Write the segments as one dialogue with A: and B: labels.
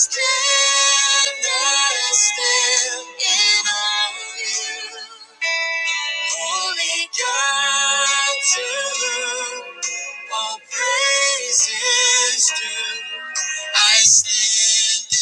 A: Stand, I stand in awe of you. Holy God, to you all praise is due. I stand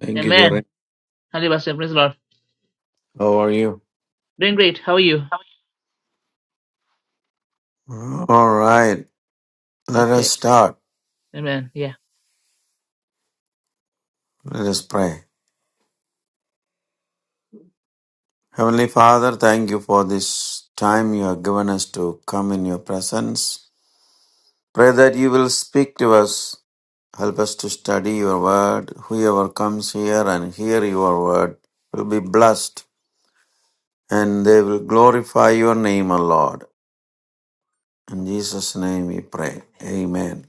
B: Thank you,
A: in awe of you. Amen.
B: Jerry.
A: Hallelujah, Pastor. praise the Lord.
B: How are you?
A: Doing great. How are you?
B: All right. Let us
A: Okay.
B: start.
A: Amen. Yeah.
B: Let us pray. Heavenly Father, thank you for this time you have given us to come in your presence. Pray that you will speak to us. Help us to study your word. Whoever comes here and hear your word will be blessed and they will glorify your name, O Lord. In Jesus' name we pray. Amen.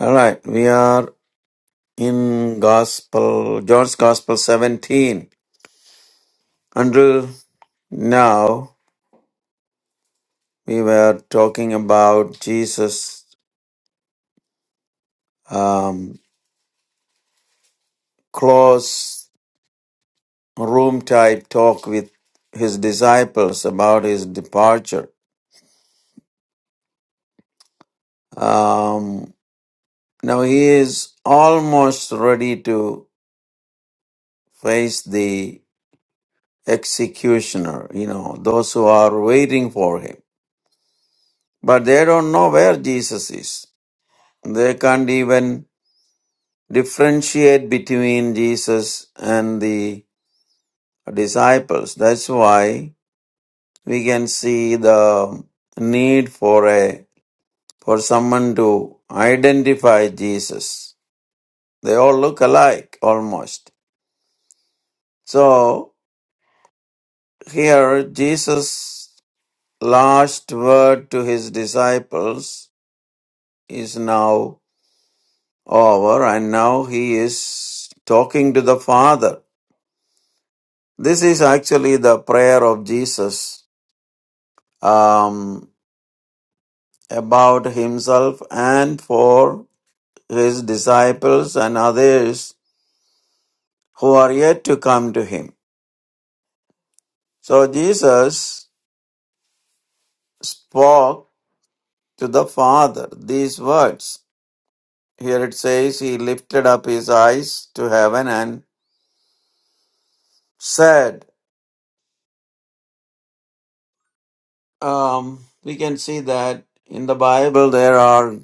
B: All right. We are in Gospel, John's Gospel 17. Until now, we were talking about Jesus' um, close room type talk with his disciples about his departure. Um, now he is almost ready to face the executioner, you know, those who are waiting for him. But they don't know where Jesus is. They can't even differentiate between Jesus and the disciples. That's why we can see the need for a for someone to identify Jesus. They all look alike almost. So here Jesus last word to his disciples is now over and now he is talking to the Father. This is actually the prayer of Jesus um, about himself and for his disciples and others who are yet to come to him. So Jesus spoke to the Father these words. Here it says he lifted up his eyes to heaven and said, um, We can see that in the Bible there are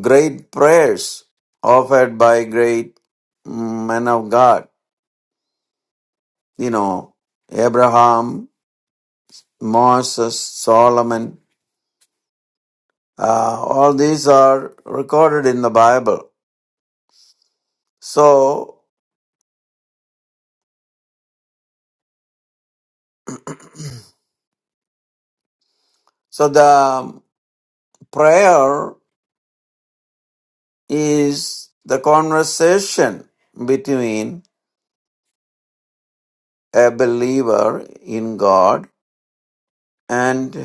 B: great prayers offered by great men of God. You know, Abraham, Moses, Solomon, Uh, all these are recorded in the Bible. So, so the prayer is the conversation between a believer in God and,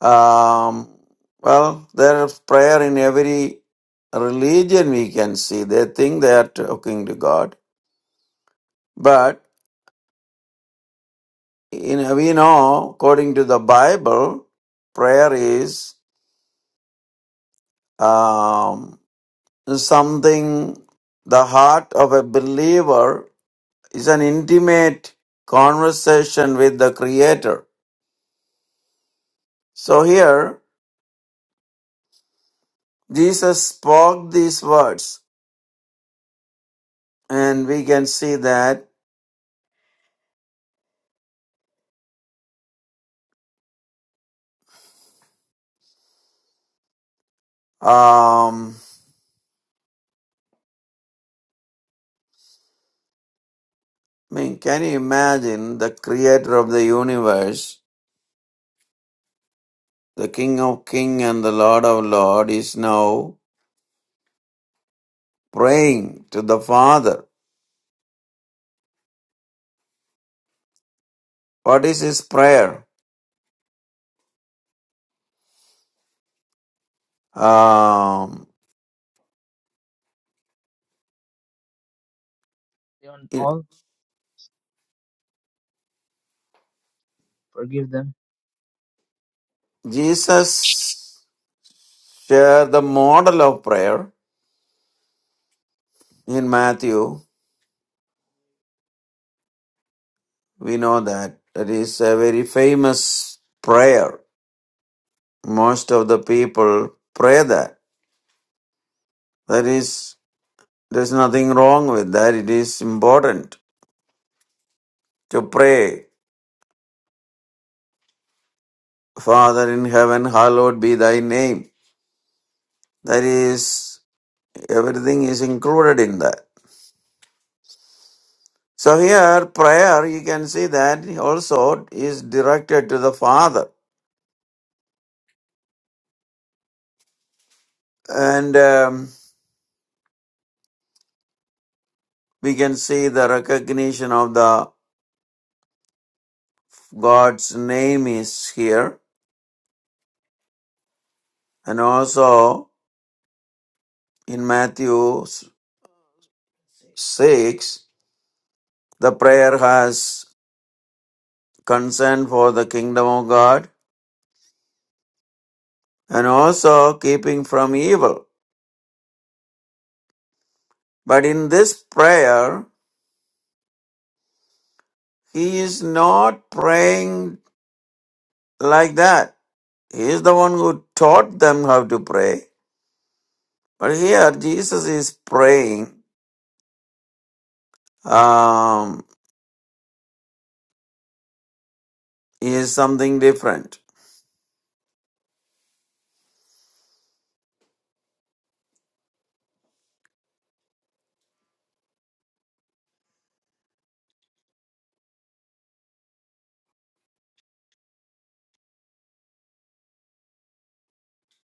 B: um, well, there is prayer in every religion we can see. They think they are talking to God. But in, we know, according to the Bible, prayer is um, something the heart of a believer is an intimate conversation with the creator so here jesus spoke these words and we can see that um i mean can you imagine the creator of the universe the king of king and the lord of lord is now praying to the father what is his prayer um
A: They want
B: it-
A: all forgive them.
B: jesus share the model of prayer. In Matthew, we know that that is a very famous prayer. Most of the people pray that. That is, there's nothing wrong with that. It is important to pray, Father in heaven, hallowed be thy name. That is, everything is included in that. So here, prayer, you can see that also is directed to the Father. And um, we can see the recognition of the God's name is here. And also in Matthew 6, the prayer has concern for the kingdom of God and also keeping from evil. But in this prayer, he is not praying like that. He is the one who taught them how to pray. But here, Jesus is praying um, is something different.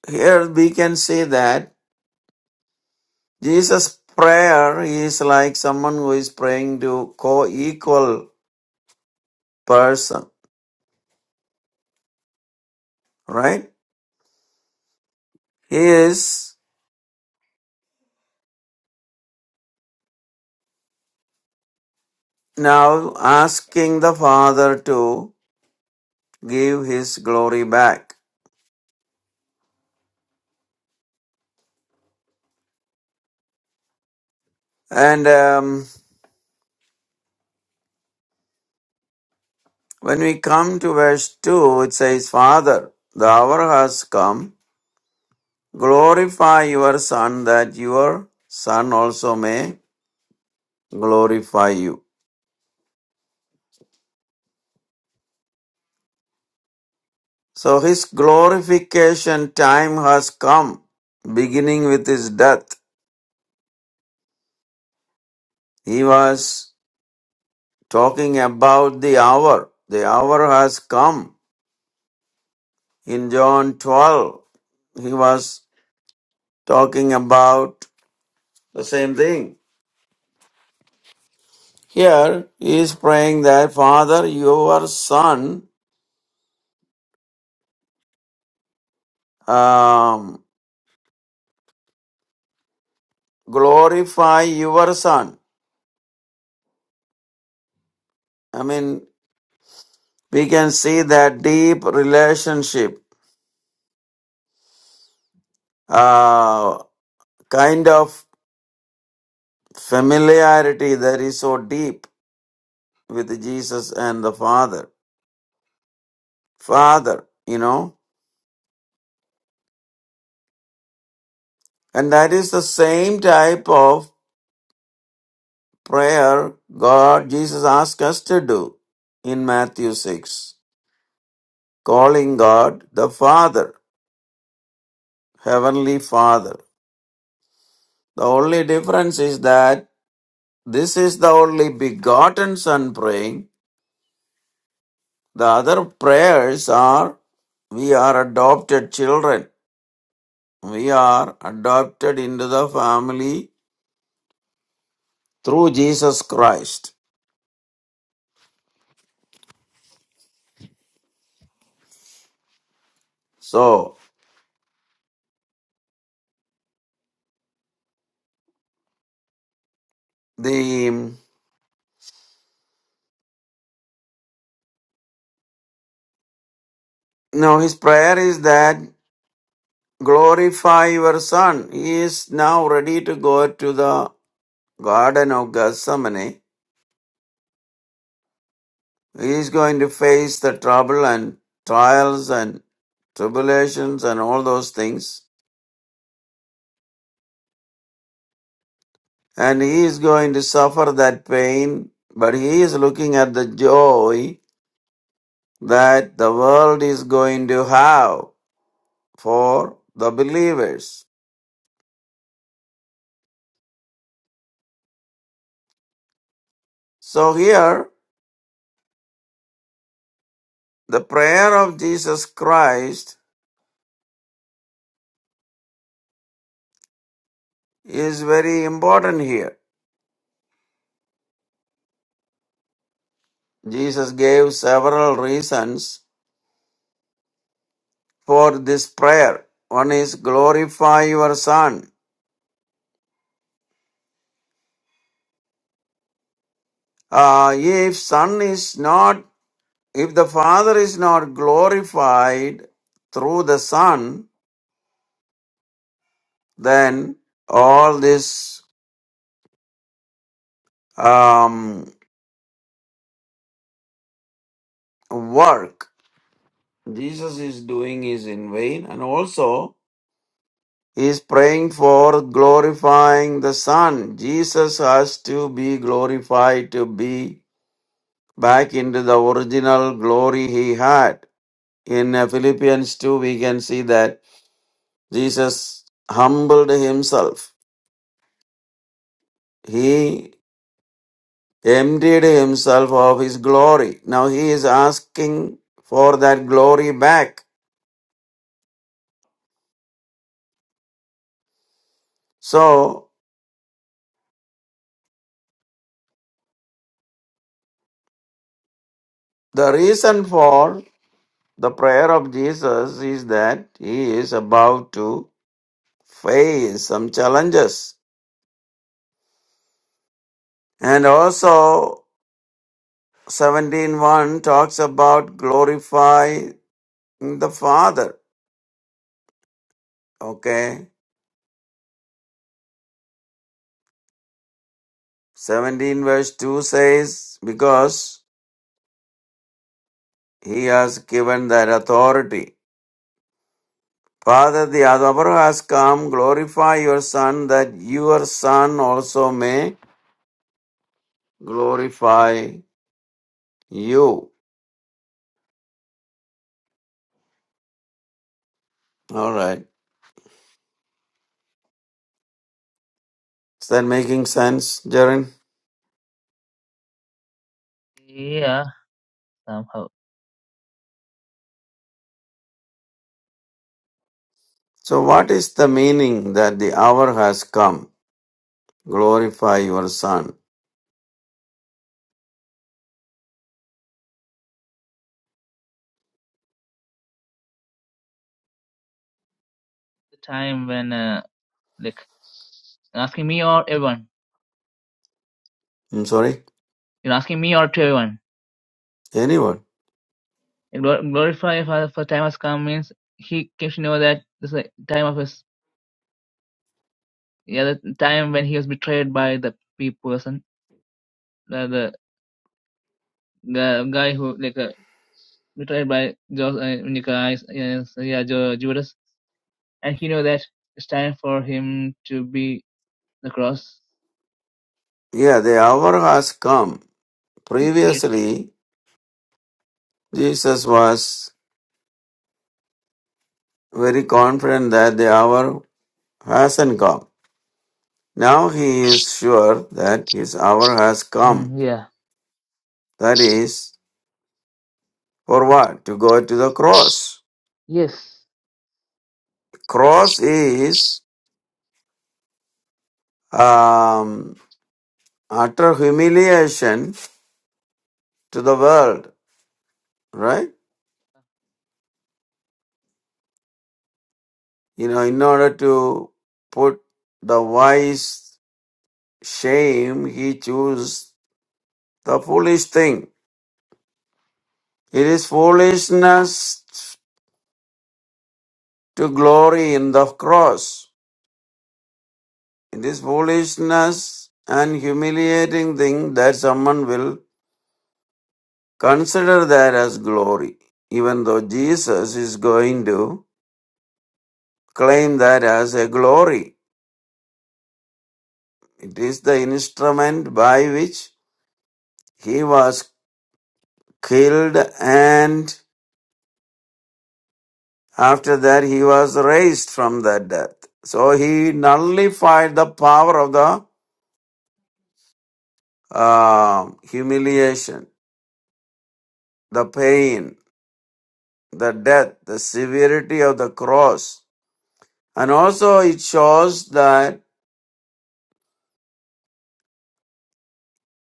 B: Here we can see that Jesus' prayer is like someone who is praying to co-equal person, right? He is now asking the Father to give his glory back. And um, when we come to verse 2, it says, Father, the hour has come. Glorify your Son that your Son also may glorify you. So his glorification time has come, beginning with his death. He was talking about the hour. The hour has come. In John 12, he was talking about the same thing. Here, he is praying that, Father, your son, um, glorify your son. I mean, we can see that deep relationship, uh, kind of familiarity that is so deep with Jesus and the Father. Father, you know, and that is the same type of prayer God, Jesus asked us to do in Matthew 6, calling God the Father, Heavenly Father. The only difference is that this is the only begotten Son praying. The other prayers are, we are adopted children we are adopted into the family through Jesus Christ. So the now his prayer is that glorify your son. He is now ready to go to the Garden of Gethsemane. He is going to face the trouble and trials and tribulations and all those things. And he is going to suffer that pain, but he is looking at the joy that the world is going to have for the believers. So here, the prayer of Jesus Christ is very important here. Jesus gave several reasons for this prayer. One is glorify your son. Uh, if son is not, if the father is not glorified through the son, then all this um, work Jesus is doing is in vain, and also is praying for glorifying the Son. Jesus has to be glorified to be back into the original glory he had. In uh, Philippians 2, we can see that Jesus humbled himself. He emptied himself of his glory. Now he is asking for that glory back. So, the reason for the prayer of Jesus is that he is about to face some challenges. And also seventeen one talks about glorify the Father. Okay. 17 verse 2 says, because he has given that authority. Father, the hour has come, glorify your Son, that your Son also may glorify you. All right. Is that making sense, Jaren?
A: Yeah. Somehow.
B: So, what is the meaning that the hour has come? glorify your Son.
A: The time when uh, Like you're asking me or everyone.
B: I'm sorry?
A: You're asking me or to everyone.
B: Anyone.
A: Glor- Glorify for, for time has come means he came to know that this is the time of his yeah the time when he was betrayed by the pe- person the the, the guy who like uh, betrayed by Joseph uh, Nicodemus, yes, yeah Jo- Judas and he knew that it's time for him to be the cross.
B: Yeah, the hour has come.
A: Yeah.
B: Previously, Jesus was very confident that the hour hasn't come. Now he is sure that his hour has come.
A: Mm, yeah.
B: That is, for what? To go to the cross.
A: Yes.
B: Cross is um, utter humiliation to the world, right? You know, in order to put the wise shame he chose the foolish thing. It is foolishness to glory in the cross. It is foolishness and humiliating thing that someone will consider that as glory, even though Jesus is going to claim that as a glory. It is the instrument by which he was killed and After that, he was raised from the death. So he nullified the power of the um, humiliation, the pain, the death, the severity of the cross. And also, it shows that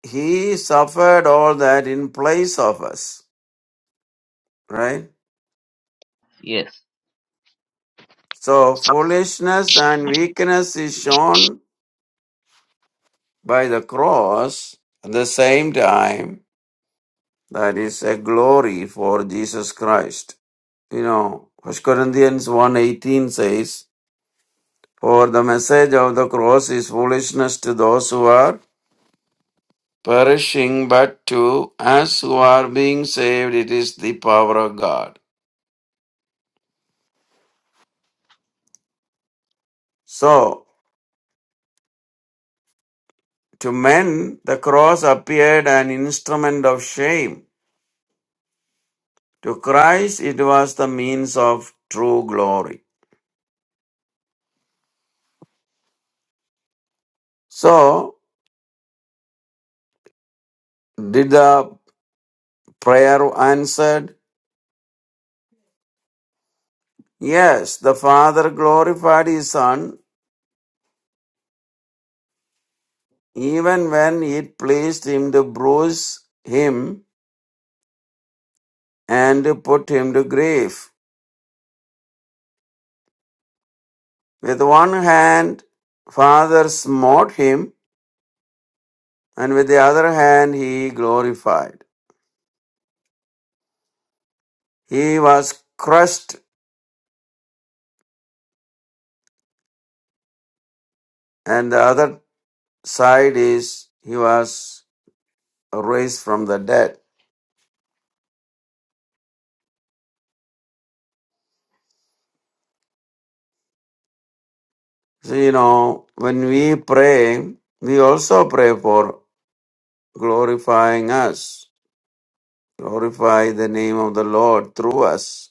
B: he suffered all that in place of us, right?
A: Yes.
B: So, foolishness and weakness is shown by the cross at the same time that is a glory for Jesus Christ. you know, 1 Corinthians 1.18 says, For the message of the cross is foolishness to those who are perishing, but to us who are being saved, it is the power of God. So, to men, the cross appeared an instrument of shame. To Christ, it was the means of true glory. So, did the prayer answered? Yes, the Father glorified His Son even when it pleased him to bruise him and to put him to grief. With one hand, Father smote him, and with the other hand, he glorified. He was crushed, and the other side is he was raised from the dead. So, you know, when we pray, we also pray for glorifying us, glorify the name of the Lord through us.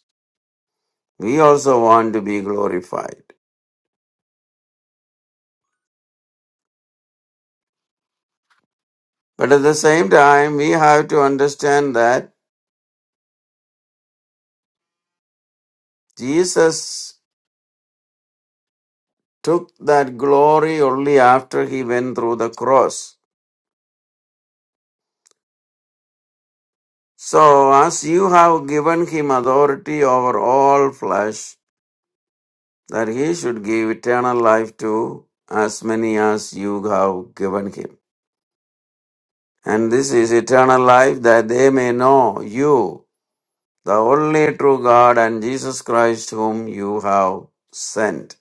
B: We also want to be glorified. But at the same time, we have to understand that Jesus took that glory only after he went through the cross. So, as you have given him authority over all flesh, that he should give eternal life to as many as you have given him. And this is eternal life that they may know you, the only true God, and Jesus Christ, whom you have sent.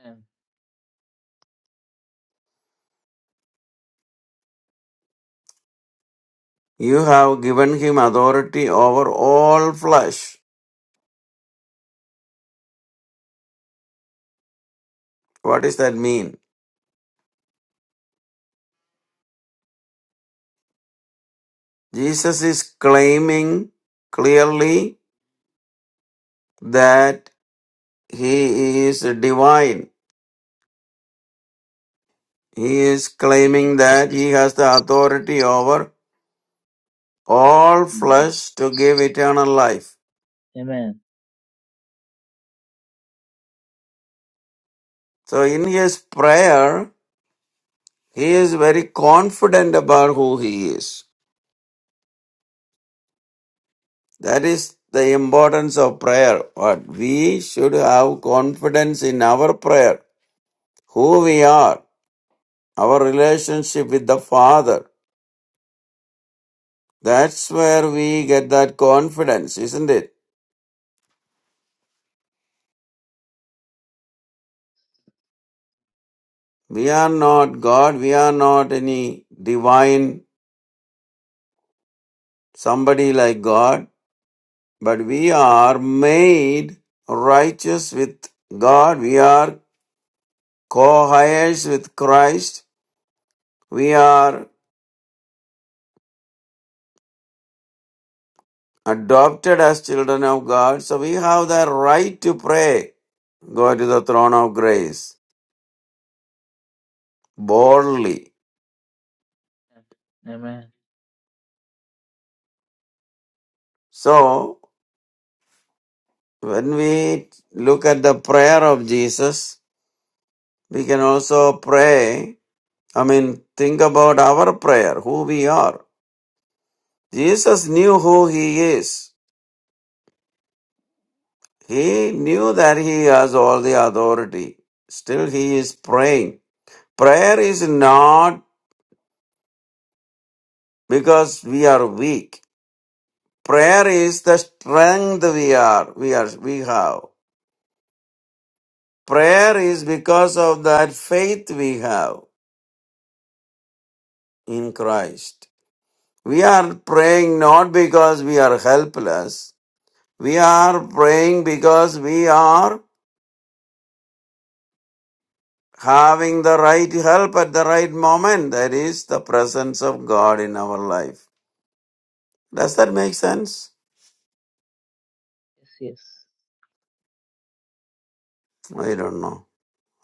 A: Amen.
B: You have given him authority over all flesh. What does that mean? Jesus is claiming clearly that he is divine. He is
A: Yes.
B: claiming that he has the authority over all flesh to give eternal life.
A: Amen.
B: So in his prayer, he is very confident about who he is. That is the importance of prayer. What we should have confidence in our prayer who we are, our relationship with the Father. That's where we get that confidence, isn't it? We are not God, we are not any divine somebody like God, but we are made righteous with God, we are co heirs with Christ, we are adopted as children of God, so we have the right to pray, go to the throne of grace boldly.
A: Amen.
B: So, When we look at the prayer of Jesus, we can also pray. I mean, think about our prayer, who we are. Jesus knew who he is. He knew that he has all the authority. Still, he is praying. Prayer is not because we are weak. Prayer is the strength we are, we are, we have. Prayer is because of that faith we have in Christ. We are praying not because we are helpless. We are praying because we are having the right help at the right moment. That is the presence of God in our life. Does that make sense?
A: Yes. Yes.
B: I don't know.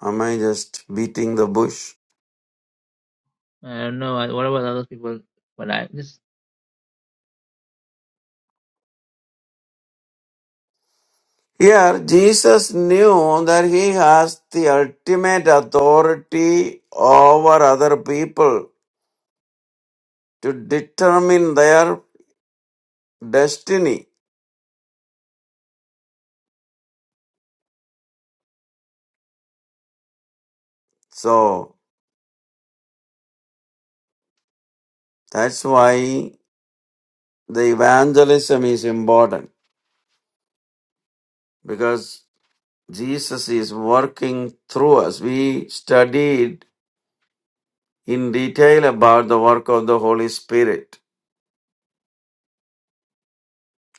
B: Am I just beating the bush?
A: I don't know. I- What about other people? But I just
B: Here, Jesus knew that he has the ultimate authority over other people to determine their destiny. So, that's why the evangelism is important because Jesus is working through us. We studied in detail about the work of the Holy Spirit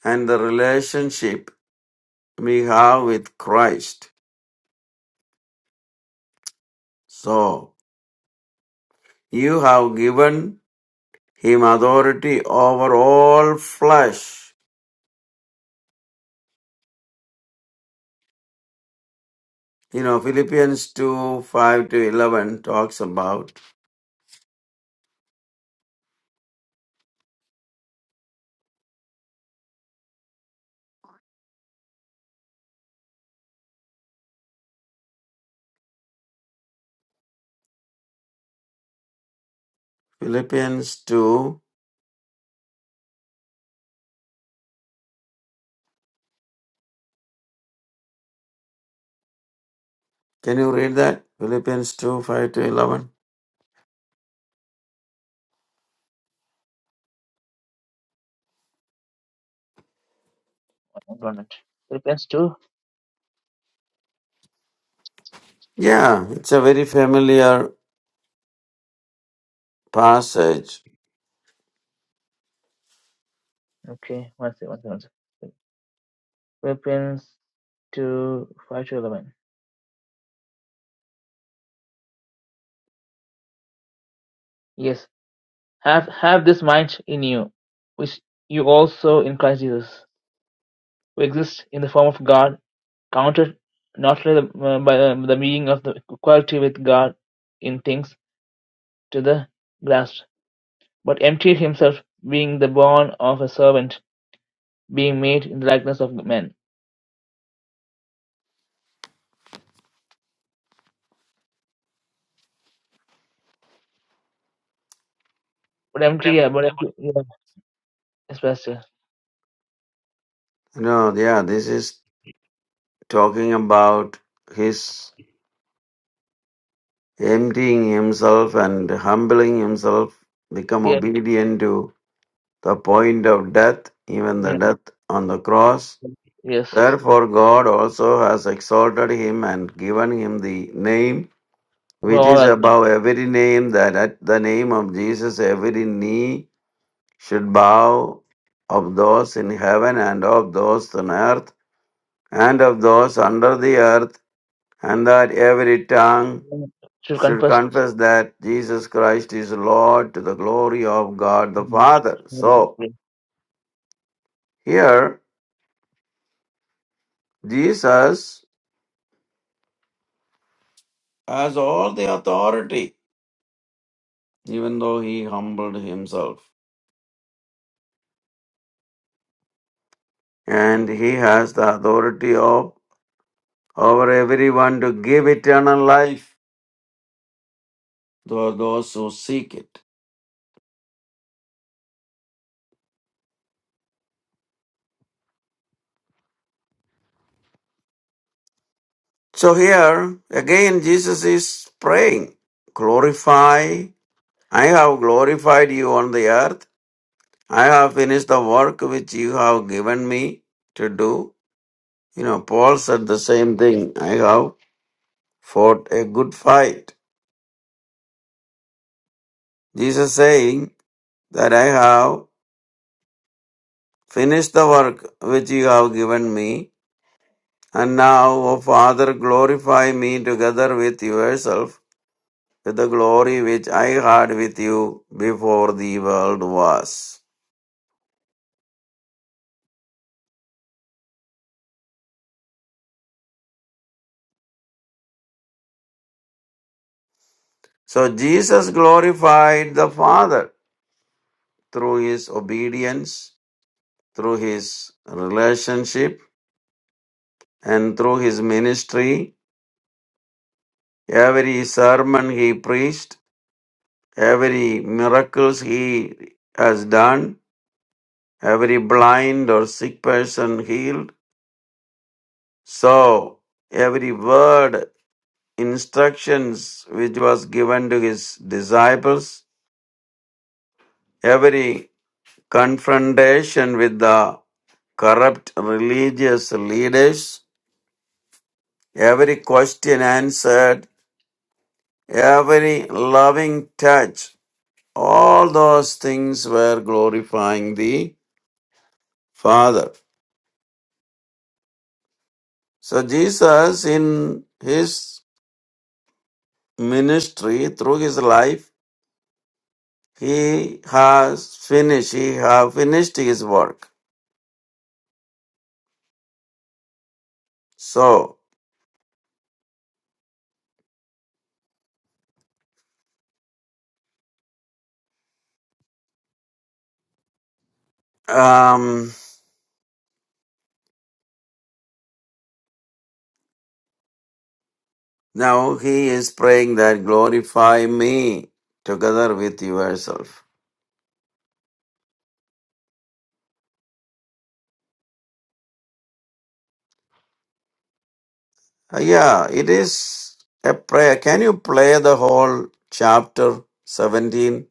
B: and the relationship we have with Christ. So, you have given him authority over all flesh. You know, Philippians 2 5 to 11 talks about Philippians 2. Can you read that? Philippians 2 5 to 11.
A: I don't want it. Philippians two.
B: Yeah,
A: Uh,
B: it's a very familiar passage.
A: Okay, one second, one second. one second. Philippians two five to eleven. Yes, have have this mind in you, which you also in Christ Jesus, who exists in the form of God, counted not by the, uh, by the, the being of the equality with God in things to the grasp, but emptied himself, being the born of a servant, being made in the likeness of men. But empty, yeah, but empty, Especially,
B: No, yeah, this is talking about his emptying himself and humbling himself, become
A: yeah,
B: obedient to the point of death, even the
A: yeah,
B: death on the cross.
A: yes.
B: Therefore, God also has exalted him and given him the name which is
A: Well,
B: above every name, that at the name of Jesus every knee should bow of those in heaven and of those on earth and of those under the earth, and that every tongue
A: should
B: should
A: confess.
B: confess that Jesus Christ is Lord to the glory of God the Father. So,
A: Yeah,
B: here, Jesus has all the authority, even though he humbled himself. And he has the authority of over everyone to give eternal life to those who seek it. So here again Jesus is praying, glorify I have glorified you on the earth. I have finished the work which you have given me to do. You know, Paul said the same thing. I have fought a good fight. Jesus saying that I have finished the work which you have given me. And now, O Father, glorify me together with yourself with the glory which I had with you before the world was. So Jesus glorified the Father. through his obedience, through his relationship, and through his ministry. Every sermon he preached, every miracles he has done, every blind or sick person healed. So every word, instructions which was given to his disciples, every confrontation with the corrupt religious leaders, every question answered every loving touch, all those things were glorifying the Father. So, Jesus, in his ministry, through his life, he has finished, he have finished his work. So, um, now he is praying that glorify me together with yourself. Uh, yeah, it is a prayer. Can you play the whole chapter 17?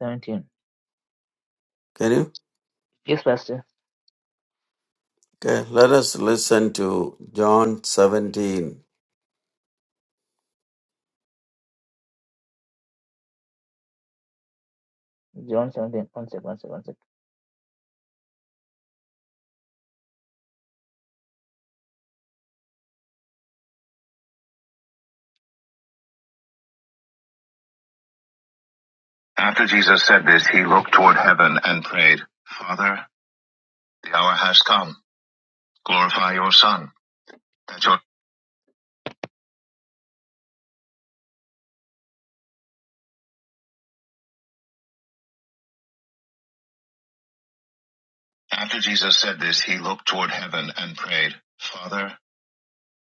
A: Seventeen.
B: Can you?
A: Yes, Pastor.
B: Okay, let us listen to John 17.
A: John seventeen. One sec. One sec. One sec. After Jesus said this, he looked toward heaven and prayed, Father, the hour has come. Glorify your Son. That your after Jesus said this, he looked toward heaven and prayed, Father,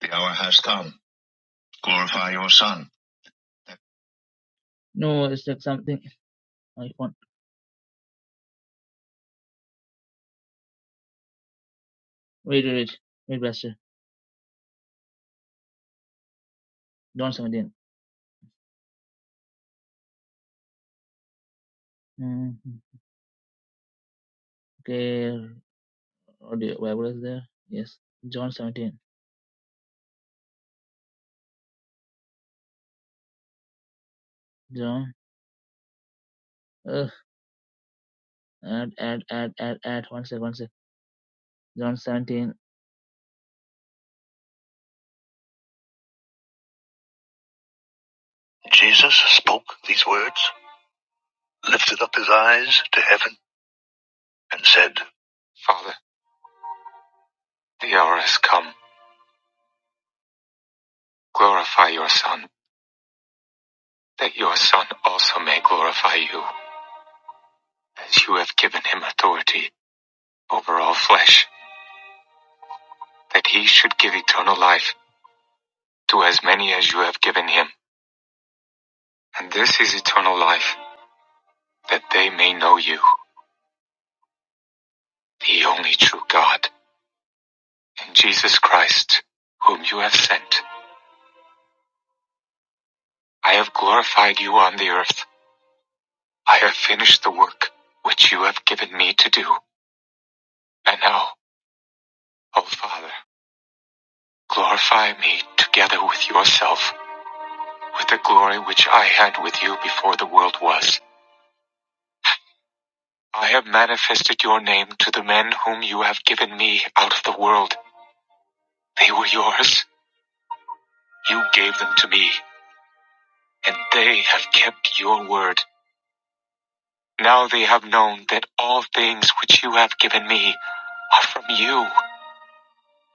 A: the hour has come. Glorify your Son. That- No, it's like something. I want. Wait, wait, wait, wait, Pastor. John seventeen. Mm, okay. audio Bible is there? Yes. John 17. John. Ugh. Add, add, add, add, add. One sec, one sec. John 17. Jesus spoke these words, lifted up his eyes to heaven, and said, Father, the hour has come. Glorify your Son, that your Son also may glorify you, as you have given him authority over all flesh, that he should give eternal life to as many as you have given him. And this is eternal life, that they may know you, the only true God, And Jesus Christ, whom you have sent, I have glorified you on the earth. I have finished the work which you have given me to do. And now, O Father, glorify me together with yourself, with the glory which I had with you before the world was. I have manifested your name to the men whom you have given me out of the world. They were yours. You gave them to me, and they have kept your word. Now they have known that all things which you have given me are from you,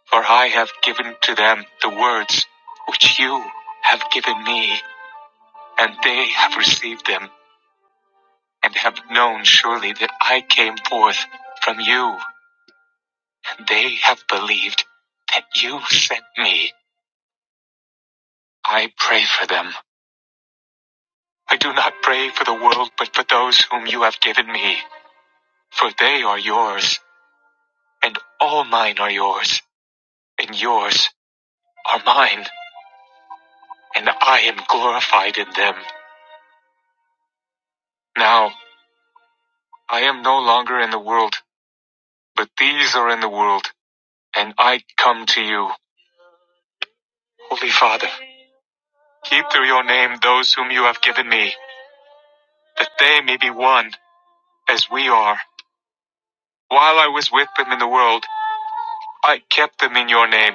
A: for I have given to them the words which you have given me, and they have received them, and have known surely that I came forth from you, and they have believed that you sent me. I pray for them. I do not pray for the world, but for those whom you have given me, for they are yours, and all mine are yours, and yours are mine and I am glorified in them. Now, I am no longer in the world, but these are in the world, and I come to you. Holy Father, keep through your name those whom you have given me, that they may be one, as we are. While I was with them in the world, I kept them in your name.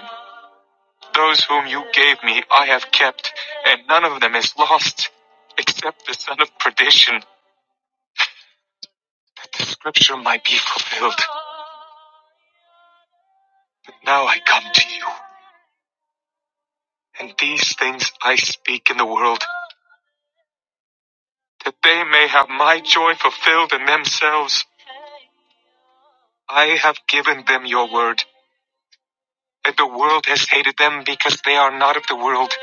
A: Those whom you gave me, I have kept, and none of them is lost, except the son of perdition, that the scripture might be fulfilled. But Now I come to you. And these things I speak in the world, that they may have my joy fulfilled in themselves. I have given them your word, and the world has hated them because they are not of the world,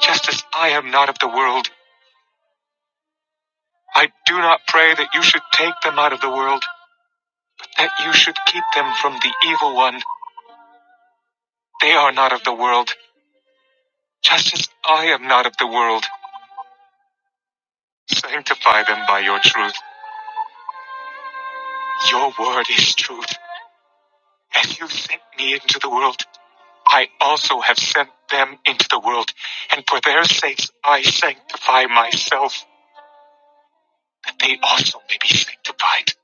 A: just as I am not of the world. I do not pray that you should take them out of the world, but that you should keep them from the evil one. They are not of the world, just as I am not of the world. Sanctify them by your truth. Your word is truth, and you sent me into the world. I also have sent them into the world, and for their sakes I sanctify myself, that they also may be sanctified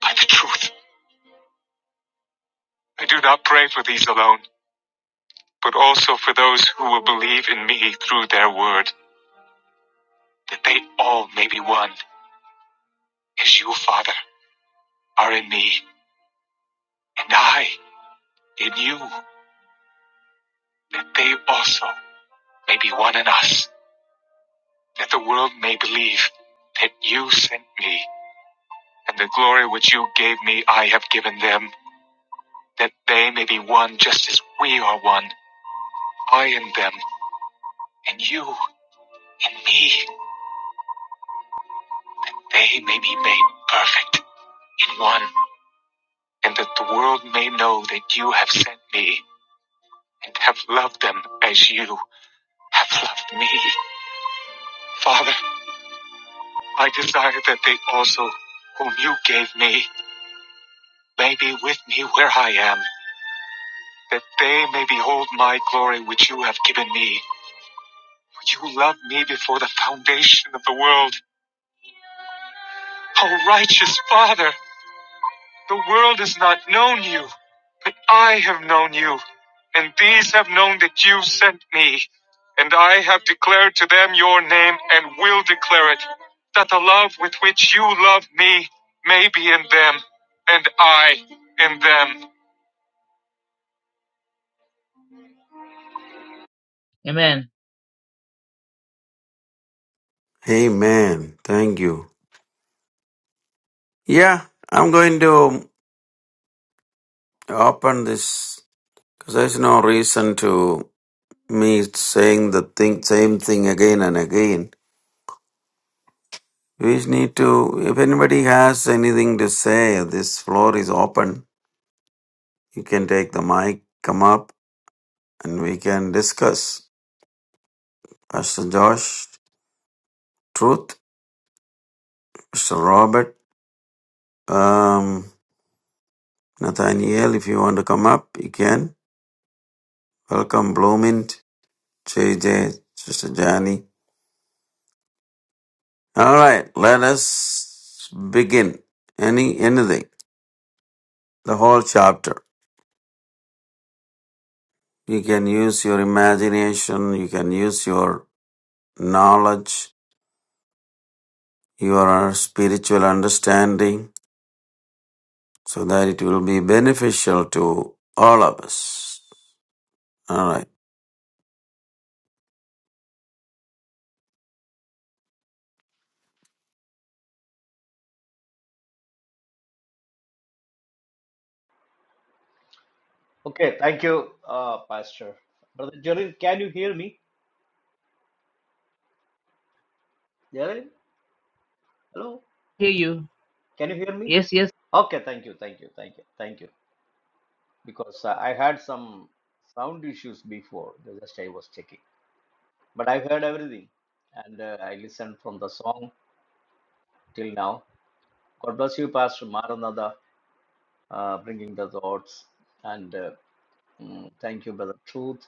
A: by the truth. I do not pray for these alone, but also for those who will believe in me through their word, that they all may be one, as you, Father, are in me, and I in you, that they also may be one in us, that the world may believe that you sent me, and the glory which you gave me I have given them that they may be one just as we are one, I in them, and you in me, they may be made perfect in one, and that the world may know that you have sent me, and have loved them as you have loved me. Father, I desire that they also, whom you gave me, may be with me where I am, that they may behold my glory which you have given me. For you loved me before the foundation of the world. O righteous Father! The world has not known you, but I have known you, and these have known that you sent me. And I have declared to them your name and will declare it, that the love with which you love me may be in them, and I in them. Amen.
B: Amen. Thank you. Yeah, I'm going to open this because there's no reason to me saying the thing, same thing again and again. We need to, if anybody has anything to say, this floor is open. You can take the mic, come up, and we can discuss. Pastor Josh, Truth, Mr. Robert, um, Nathaniel, if you want to come up, you can. Welcome, Bloomint, JJ, Sister Johnny. All right, let us begin. Any anything, the whole chapter. You can use your imagination. You can use your knowledge, your spiritual understanding, so that it will be beneficial to all of us. All right.
C: Okay, thank you, uh, Pastor. Brother Jerin, can you hear me? Jerin, hello,
A: Hear you.
C: can you hear me?
A: Yes, yes.
C: Okay, thank you, thank you, thank you, thank you. Because uh, I had some sound issues before, just I was checking. But I heard everything and uh, I listened from the song till now. God bless you, Pastor Maranatha, uh, bringing the thoughts. And uh, mm, thank you, Brother Truth,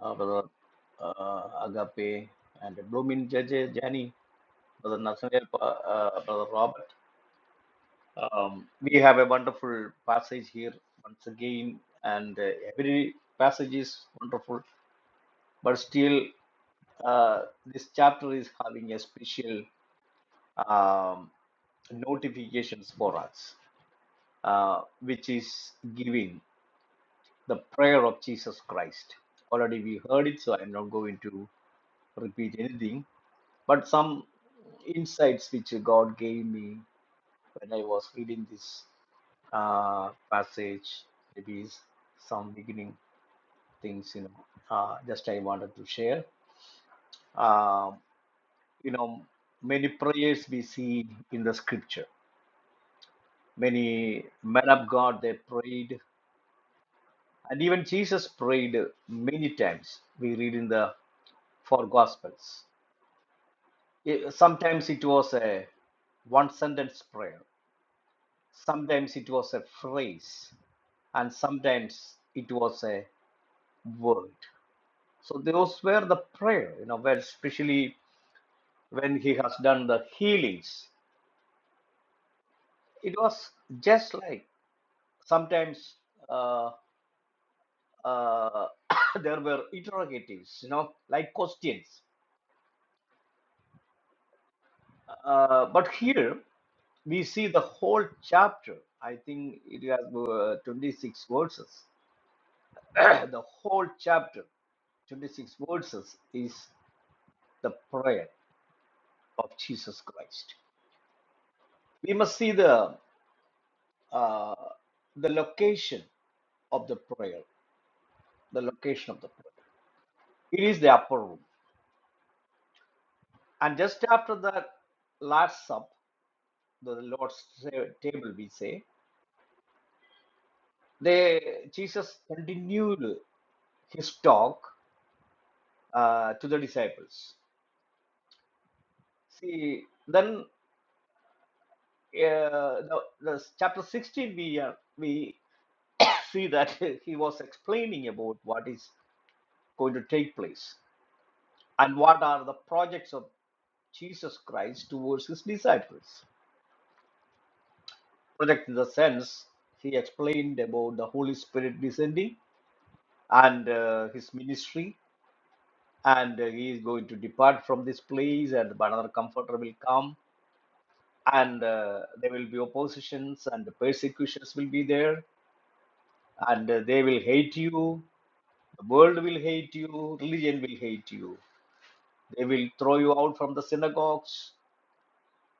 C: uh, Brother uh, Agape, and Blooming Judge Jani, Brother Nathaniel, uh, Brother Robert. Um, we have a wonderful passage here once again, and uh, every passage is wonderful, but still, uh, this chapter is having a special um, notifications for us, uh, which is giving the prayer of Jesus Christ. Already we heard it, so I'm not going to repeat anything, but some insights which God gave me when I was reading this uh, passage, maybe some beginning things, you know, uh, just I wanted to share. Um, you know, many prayers we see in the scripture. Many men of God, they prayed, and even Jesus prayed many times. We read in the four gospels. Eh, Sometimes it was a one sentence prayer, sometimes it was a phrase, and sometimes it was a world. So those were the prayer, you know, where especially when he has done the healings, it was just like sometimes uh, uh, there were interrogatives, you know, like questions. Uh, but here we see the whole chapter. I think it has uh, 26 verses. the whole chapter 26 verses is the prayer of Jesus Christ. We must see the uh, the location of the prayer, the location of the prayer. It is the upper room. And just after that last sup, the Lord's ta- table, we say, they Jesus continued his talk uh, to the disciples. See, then uh, the, the chapter 16, we are, we see that he was explaining about what is going to take place. And what are the projects of Jesus Christ towards his disciples? Project in the sense he explained about the Holy Spirit descending and uh, his ministry, and uh, he is going to depart from this place, and but another comforter will come, and uh, there will be oppositions and persecutions will be there, and uh, they will hate you, the world will hate you, religion will hate you, they will throw you out from the synagogues,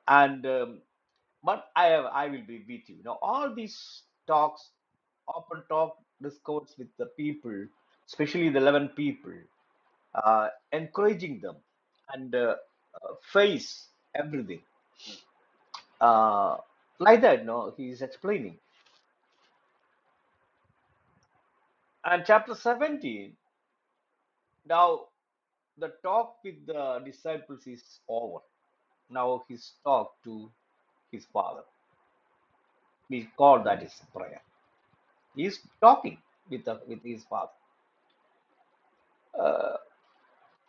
C: and um, but I have, I will be with you. Now all these talks, open talk, discourse with the people, especially the eleven people, uh, encouraging them and uh, uh, face everything uh, like that. No, he is explaining. And chapter seventeen. Now the talk with the disciples is over. Now his talk to his father. We call that is prayer. is talking with the, with his father.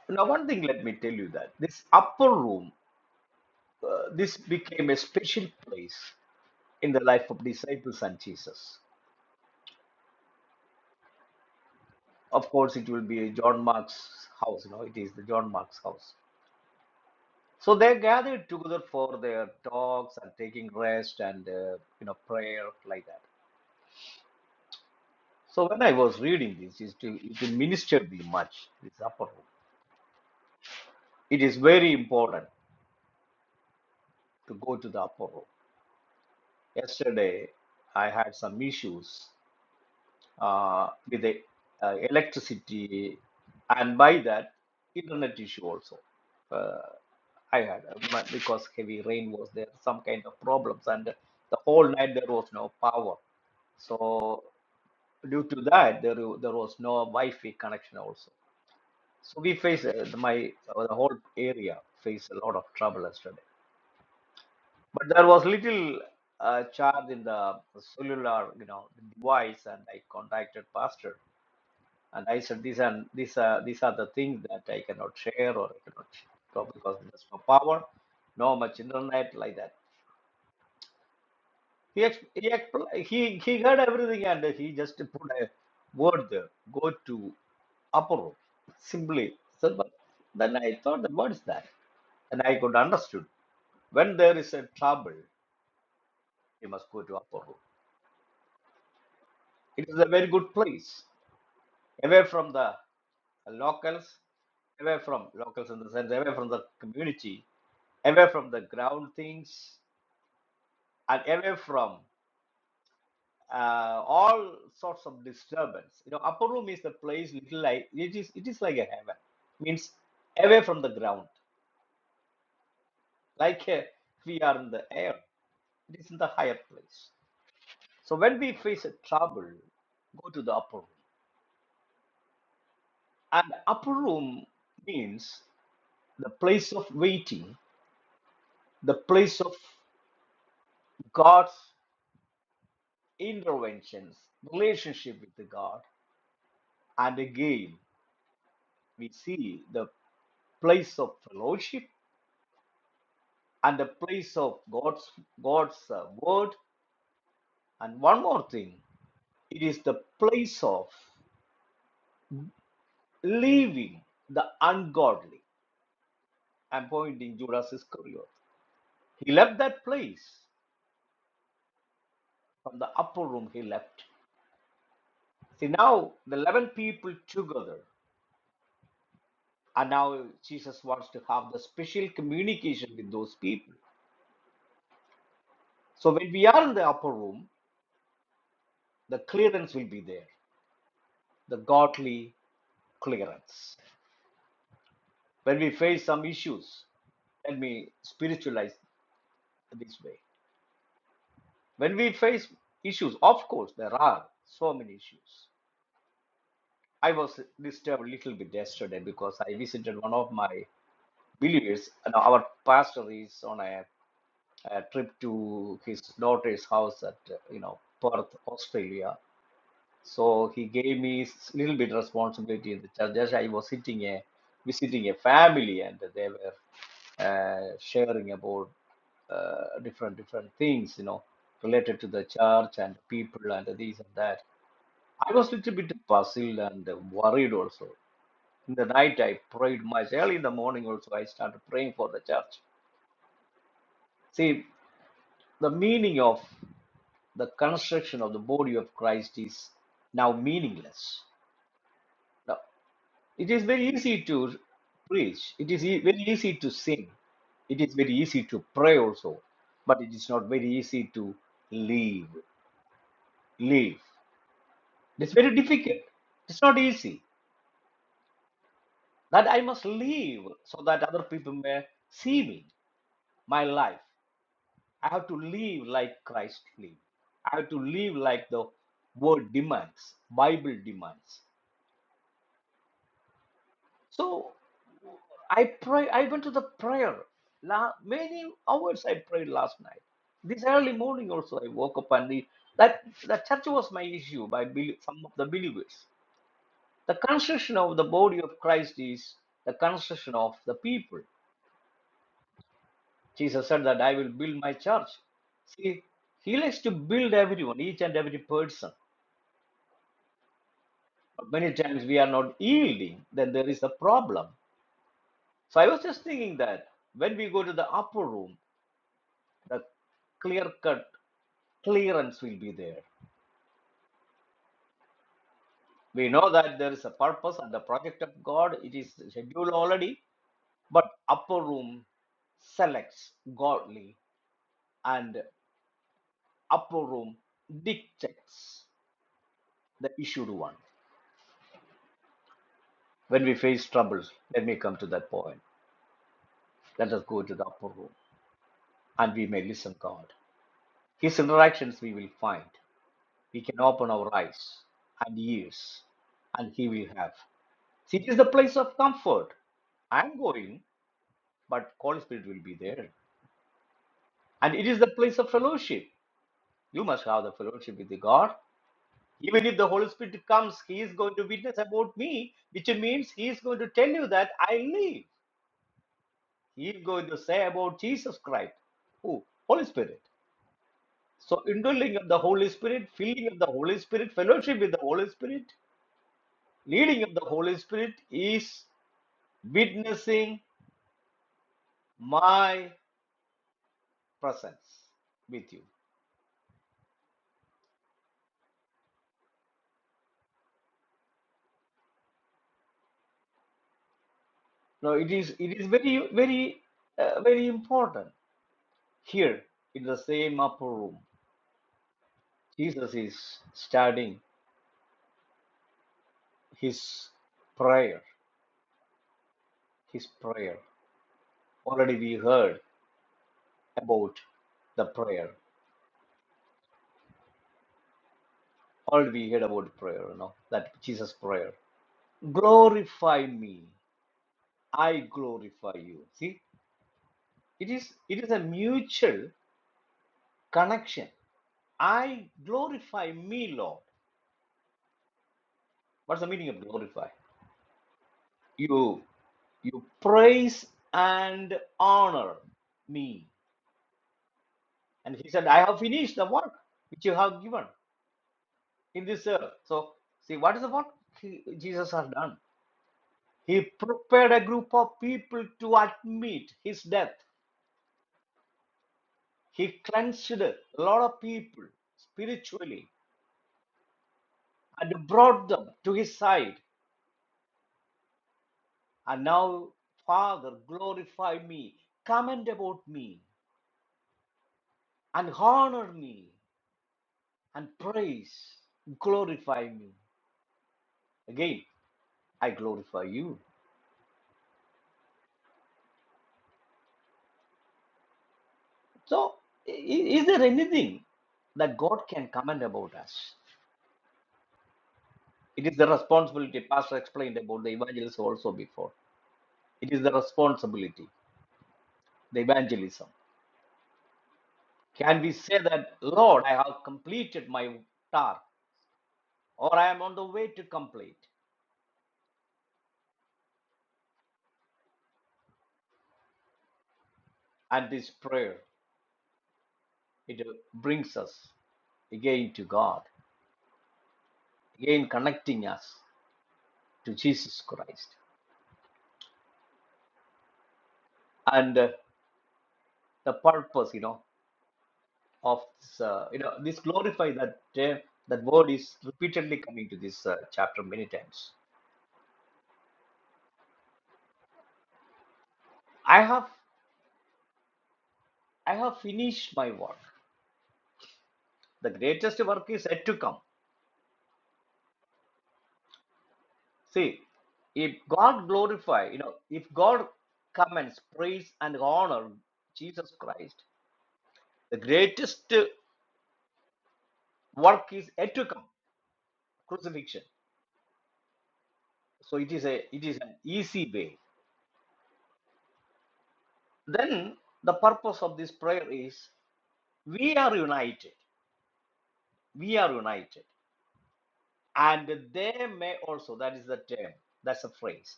C: Now, one thing, let me tell you that this upper room, uh, this became a special place in the life of disciples and Jesus. Of course, it will be John Mark's house. You know, it is the John Mark's house. So they gathered together for their talks and taking rest and uh, you know prayer like that. So when I was reading this, it, it ministered me much. This upper room. It is very important to go to the upper room. Yesterday, I had some issues uh, with the uh, electricity, and by that, internet issue also. Uh, I had uh, my- because heavy rain was there, some kind of problems, and the whole night there was no power. So due to that, there wa- there was no Wi-Fi connection also. So we face uh, my uh, the whole area faced a lot of trouble yesterday but there was little uh, charge in the cellular you know device and i contacted pastor and i said these and these are these are the things that i cannot share or i cannot talk because there's no power no much internet like that he ex- he expl- he he heard everything and he just put a word there go to upper room simply so but then i thought that what is that and i could understood when there is a trouble you must go to upper room It is a very good place, away from the locals, away from locals in the sense, away from the community, away from the ground things, and away from uh, all sorts of disturbance. You know, upper room is the place little like it is. It is like a heaven. Means away from the ground, like uh, we are in the air. It is in the higher place. So when we face a trouble, go to the upper room. And upper room means the place of waiting, the place of God's interventions, relationship with the God, and again we see the place of fellowship and the place of God's God's uh, word. And one more thing, it is the place of leaving the ungodly. I'm pointing Judas Iscariot. He left that place from the upper room. He left. See now the eleven people together. And now Jesus wants to have the special communication with those people. So when we are in the upper room, the clearance will be there, the godly clearance. When we face some issues, let me spiritualize this way. When we face issues, of course, there are so many issues. I was disturbed a little bit yesterday because I visited one of my believers. And our pastor is on a a trip to his daughter's house at uh, you know Perth, Australia. So he gave me s- little bit responsibility in the church. Just I was sitting a visiting a family, and they were uh, sharing about uh, different different things, you know, related to the church and people and this and that. I was a little bit puzzled and worried also. In the night, I prayed much. Early in the morning, also, I started praying for the church. See, the meaning of the construction of the body of Christ is now meaningless. Now, it is very easy to preach, it is e- very easy to sing, it is very easy to pray also, but it is not very easy to live. Live. It's very difficult. It's not easy. That I must live so that other people may see me, my life. I have to live like Christ lived. I have to live like the word demands, Bible demands. So I pray. I went to the prayer. La, many hours I prayed last night. This early morning also I woke up and the, that the church was my issue by bel- some of the believers. The construction of the body of Christ is the construction of the people. Jesus said that I will build my church. See, he likes to build everyone, each and every person. But many times we are not yielding, then there is a problem. So I was just thinking that when we go to the upper room, the clear cut clearance will be there. We know that there is a purpose and the project of God, it is scheduled already, but upper room selects godly and upper room dictates the issued one. When we face troubles, let me come to that point. Let us go to the upper room and we may listen God. His interactions we will find. We can open our eyes and ears and he will have. City is the place of comfort. I'm going, but Holy Spirit will be there. And it is the place of fellowship. You must have the fellowship with the God. Even if the Holy Spirit comes, He is going to witness about me, which means He is going to tell you that I live. He is going to say about Jesus Christ. Who? Holy Spirit. So, indwelling of the Holy Spirit, filling of the Holy Spirit, fellowship with the Holy Spirit, leading of the Holy Spirit is witnessing my presence with you. No, it is it is very very uh, very important here in the same upper room. Jesus is starting his prayer, his prayer. Already we heard about the prayer. Already we heard about prayer, you know, that Jesus prayer. Glorify me, I glorify you. See, it is it is a mutual connection. I glorify me, Lord. What's the meaning of glorify? you you praise and honor me and he said i have finished the work which you have given in this earth so see what is the work he, jesus has done he prepared a group of people to admit his death he cleansed a lot of people spiritually and brought them to his side and now father glorify me comment about me and honor me and praise, glorify me. Again, I glorify you. So, i- i- is there anything that God can comment about us? It is the responsibility. Pastor explained about the evangelism also before. It is the responsibility, the evangelism. Can we say that, Lord, I have completed my task, or I am on the way to complete? And this prayer, it uh, brings us again to God, again connecting us to Jesus Christ. and. uh, the purpose you know of this, uh, you know this glorify that uh, that word is repeatedly coming to this uh, chapter many times i have i have finished my work the greatest work is yet to come see if god glorify you know if god commends praise and honor jesus christ the greatest uh, work is yet to come crucifixion so it is a it is an easy way then the purpose of this prayer is we are united we are united and they may also that is the term that's a phrase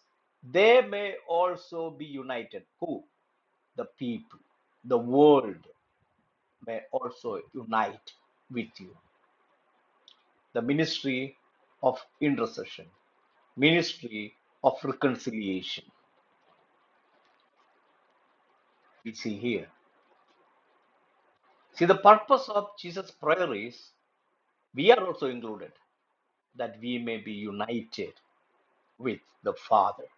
C: they may also be united who the people the world may also unite with you the ministry of intercession ministry of reconciliation we see here see the purpose of jesus prayer is we are also included that we may be united with the father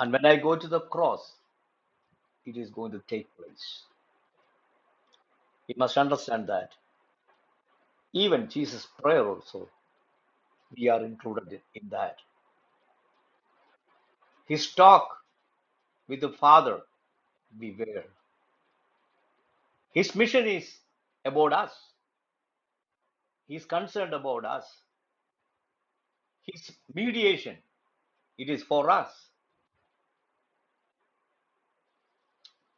C: and when i go to the cross it is going to take place. We must understand that. Even Jesus' prayer also, we are included in that. His talk with the Father, beware. His mission is about us. He is concerned about us. His mediation, it is for us.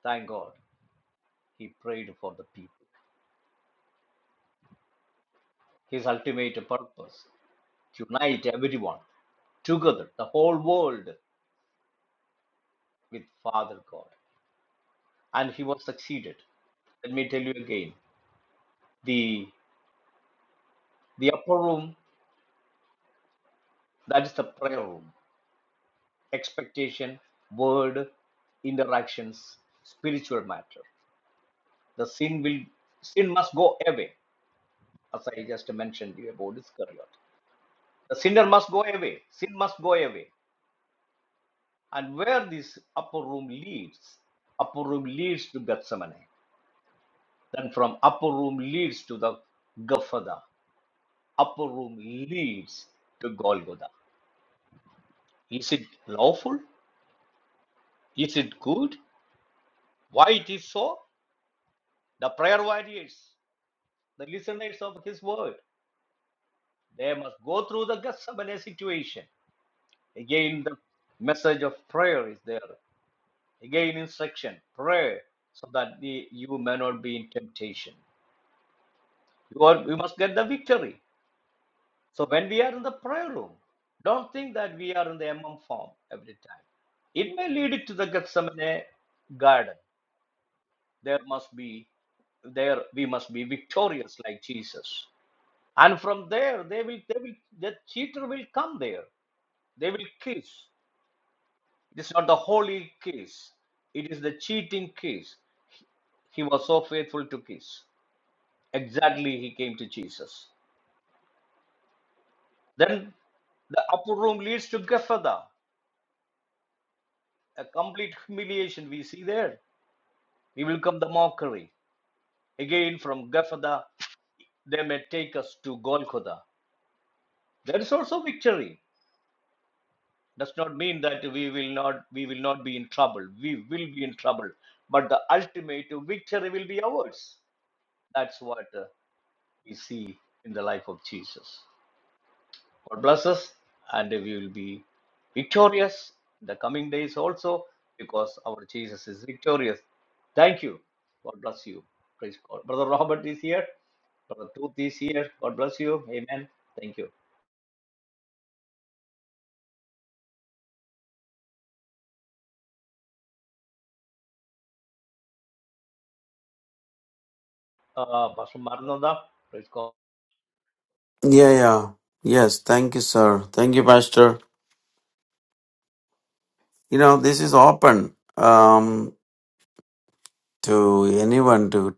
C: Thank God. He prayed for the people. His ultimate purpose, to unite everyone together, the whole world with Father God. And he was succeeded. Let me tell you again. the. The upper room, that is the prayer room, expectation, word, interactions, spiritual matter. The sin will sin must go away, as I just mentioned you about Iscariot. The sinner must go away. Sin must go away. And where this upper room leads, upper room leads to Gethsemane. Then from upper room leads to the Gaffada. Upper room leads to Golgotha. Is it lawful? Is it good? Why it is so? The prayer warriors, the listeners of his word, they must go through the Gethsemane situation. Again, the message of prayer is there. Again, instruction, prayer, so that the, you may not be in temptation. You, are, you must get the victory. So when we are in the prayer room, don't think that we are in the MM form every time. It may lead to the Gethsemane garden. There must be, there we must be victorious like Jesus. And from there, they will, they will, the cheater will come there. They will kiss. It is not the holy kiss. It is the cheating kiss. He was so faithful to kiss. Exactly, he came to Jesus. Then the upper room leads to Gephatha, a complete humiliation we see there. We will come the mockery. Again, from Gephatha, they may take us to Golgotha. There is also victory. does not mean that we will not we will not be in trouble we will be in trouble but the ultimate victory will be ours that's what uh, we see in the life of jesus god bless us and we will be victorious in the coming days also because our jesus is victorious thank you god bless you praise god brother robert is here brother truth is here god bless you amen thank you uh pastor Maranatha, praise god
B: Yeah, yeah. Yes. Thank you, sir. Thank you, Pastor. You know, this is open um, to anyone to.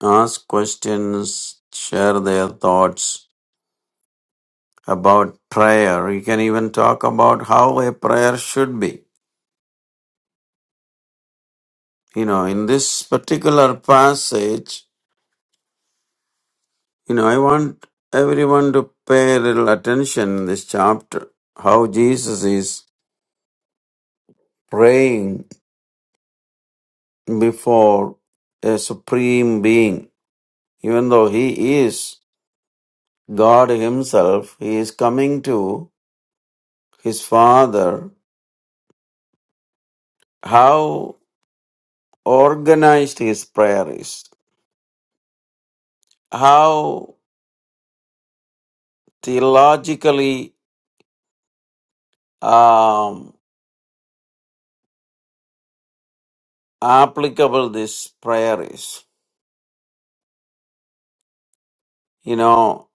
B: Ask questions, share their thoughts about prayer. You can even talk about how a prayer should be. You know, in this particular passage, you know, I want everyone to pay a little attention in this chapter. How Jesus is praying before a supreme being. Even though he is God himself, he is coming to his Father. How organized his prayer is, how theologically um, applicable this prayer is. You know,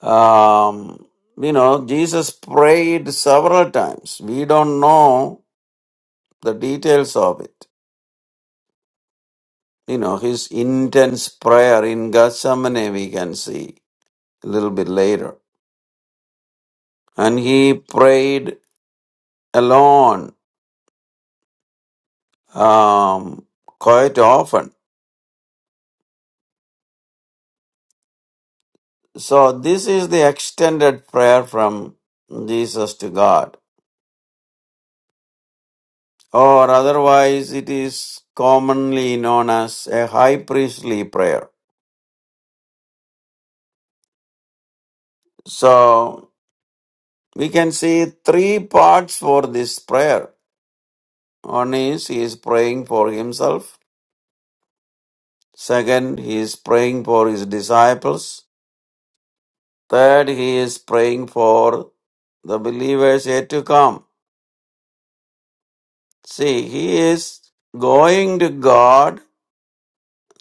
B: um, you know, Jesus prayed several times. We don't know the details of it. You know, his intense prayer in Gethsemane, we can see a little bit later. And he prayed alone um, quite often So this is the extended prayer from Jesus to God, or otherwise it is commonly known as a high priestly prayer. So we can see three parts for this prayer. One is he is praying for himself. Second, he is praying for his disciples. Third, he is praying for the believers yet to come. See, he is going to God,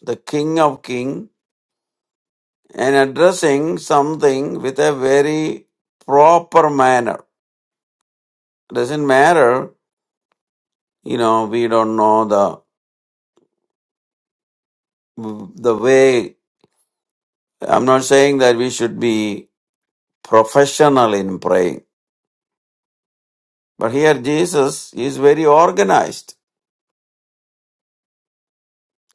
B: the King of Kings, and addressing something with a very proper manner. Doesn't matter, you know, we don't know the the way. I'm not saying that we should be professional in praying, but here Jesus is very organized.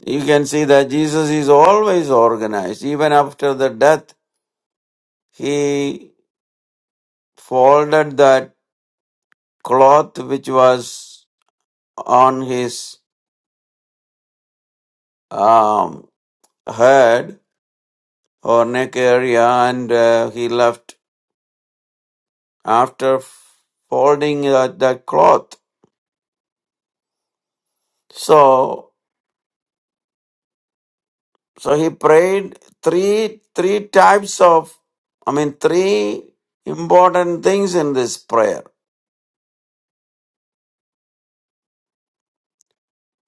B: You can see that Jesus is always organized. Even after the death, he folded that cloth which was on his um, head or neck area, and uh, he left after folding uh, the cloth. So, so he prayed three three types of, I mean, three important things in this prayer,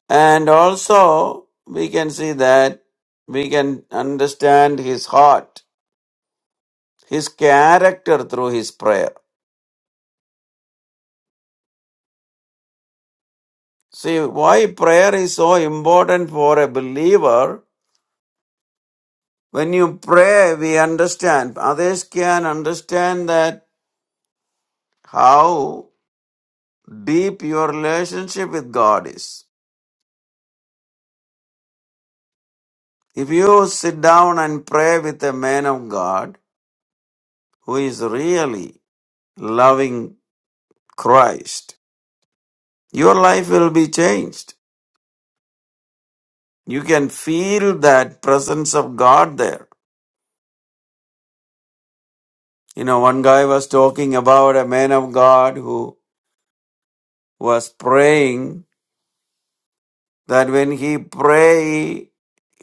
B: and also we can see that we can understand his heart, his character through his prayer. See why prayer is so important for a believer When you pray, we understand. Others can understand that how deep your relationship with God is. If you sit down and pray with a man of God who is really loving Christ, your life will be changed. You can feel that presence of God there. You know, one guy was talking about a man of God who was praying that when he pray,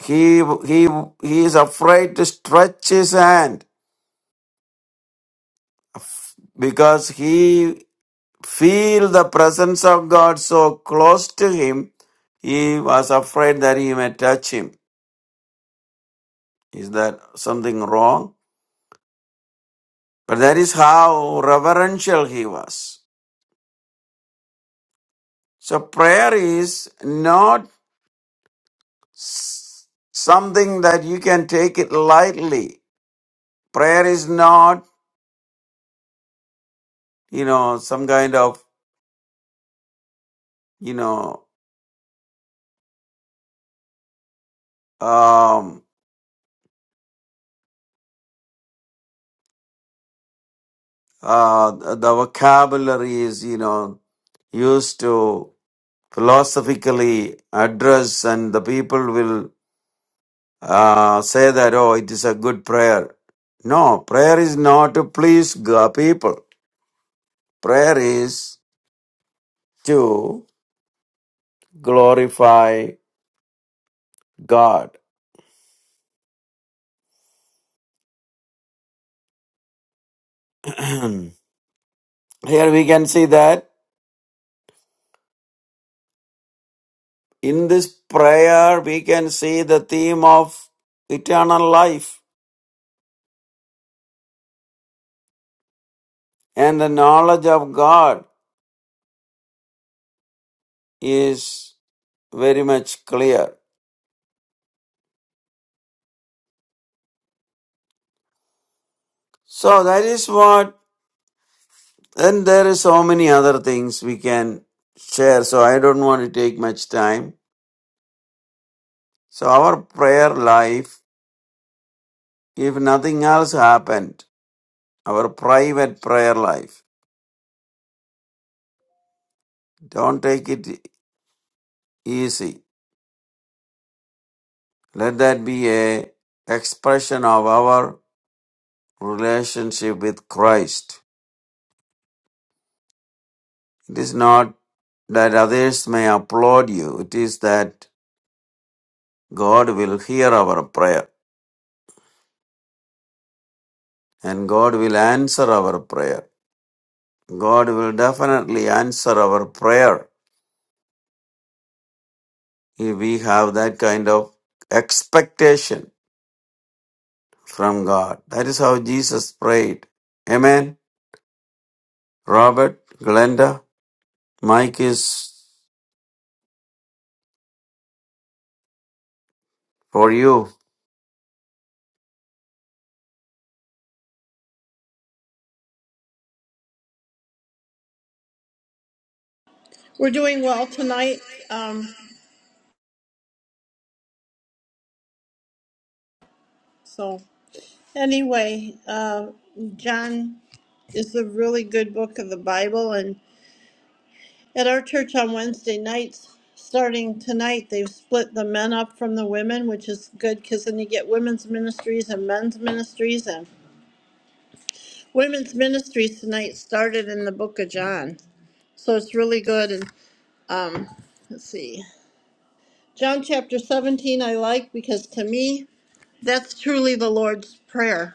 B: he, he, he is afraid to stretch his hand because he feel the presence of God so close to him. He was afraid that he may touch him. Is that something wrong? But that is how reverential he was. So prayer is not s- something that you can take it lightly. Prayer is not, you know, some kind of, you know, um, uh, the the vocabulary is, you know, used to philosophically address, and the people will uh, say that, oh, it is a good prayer. No, prayer is not to please God, people. Prayer is to glorify God. Here we can see that in this prayer we can see the theme of eternal life and the knowledge of God is. very much clear. So that is what, and there is so many other things we can share. So I don't want to take much time. So our prayer life, if nothing else happened, our private prayer life, don't take it easy. Let that be a expression of our relationship with Christ. It is not that others may applaud you. It is that God will hear our prayer. and God will answer our prayer. God will definitely answer our prayer if we have that kind of expectation from God. That is how Jesus prayed. Amen. Robert, Glenda, Mike is for you.
D: We're doing well tonight. Um, so, anyway, uh, John is a really good book of the Bible. And at our church on Wednesday nights, starting tonight, they've split the men up from the women, which is good because then you get women's ministries and men's ministries. And women's ministries tonight started in the book of John. So, it's really good. And let's see. John chapter 17, I like because to me, that's truly the Lord's Prayer.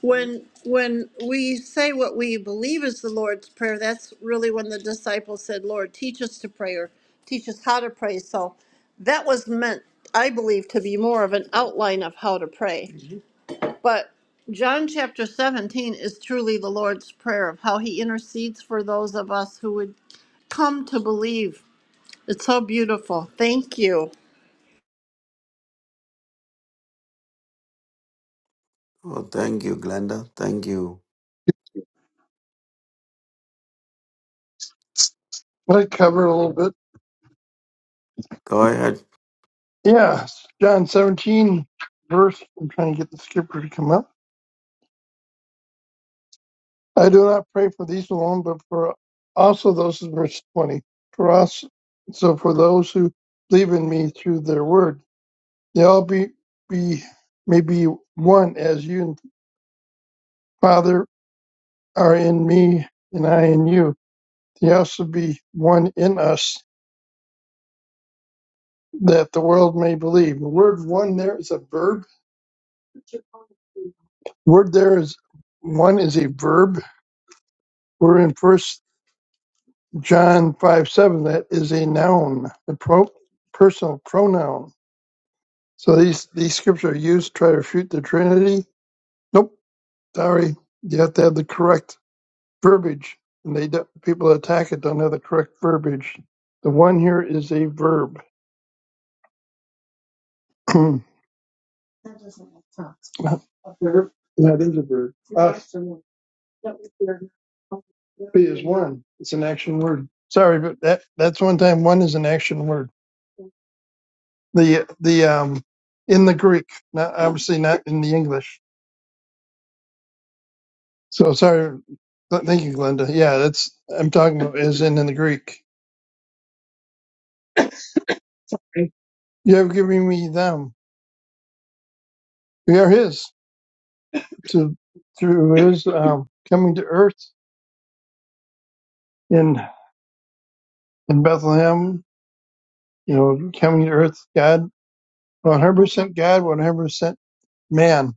D: When when we say what we believe is the Lord's prayer, that's really when the disciples said, "Lord, teach us to pray or teach us how to pray." So that was meant, I believe, to be more of an outline of how to pray. But John chapter 17 is truly the Lord's prayer of how he intercedes for those of us who would come to believe. It's so beautiful. Thank you.
B: Oh, thank you, Glenda. Thank you.
E: I covered a little bit.
B: Go ahead.
E: Yeah, John 17, verse. I'm trying to get the skipper to come up. I do not pray for these alone, but for also those in verse 20. For us, so for those who believe in me through their word, they all be, be may be one as you and Father are in me and I in you. They also be one in us that the world may believe. The word one there is a verb word there is one is a verb. We're in First John five seven. That is a noun, a pro, personal pronoun. So these these scriptures are used to try to refute the Trinity. Nope, sorry, you have to have the correct verbiage, and they don't, people that attack it don't have the correct verbiage. The one here is a verb. That is a verb. Uh, be is one. It's an action word. Sorry, but that that's one time one is an action word. the the um in the Greek, not obviously not in the English. So sorry. Th- Thank you, Glenda. Yeah, that's I'm talking about as in in the Greek. You have given me them. We are His to through His um, coming to Earth in in Bethlehem. You know, coming to Earth, God, 100 percent God, 100 percent man.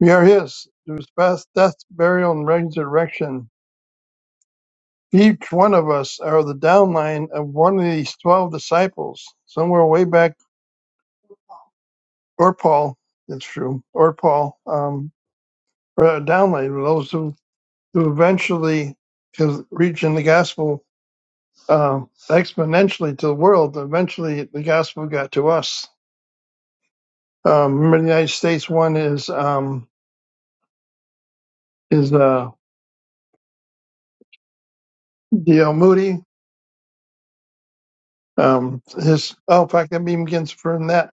E: We are His through His death, death, burial, and resurrection Each one of us are the downline of one of these twelve disciples, somewhere way back, or Paul, it's true, or Paul, um, or a downline, those who, who eventually is reaching the gospel uh, exponentially to the world. Eventually, the gospel got to us. Um, remember in the United States, one is um, is uh, D.L. Moody. Um, his oh, in fact, I'm even getting further than that.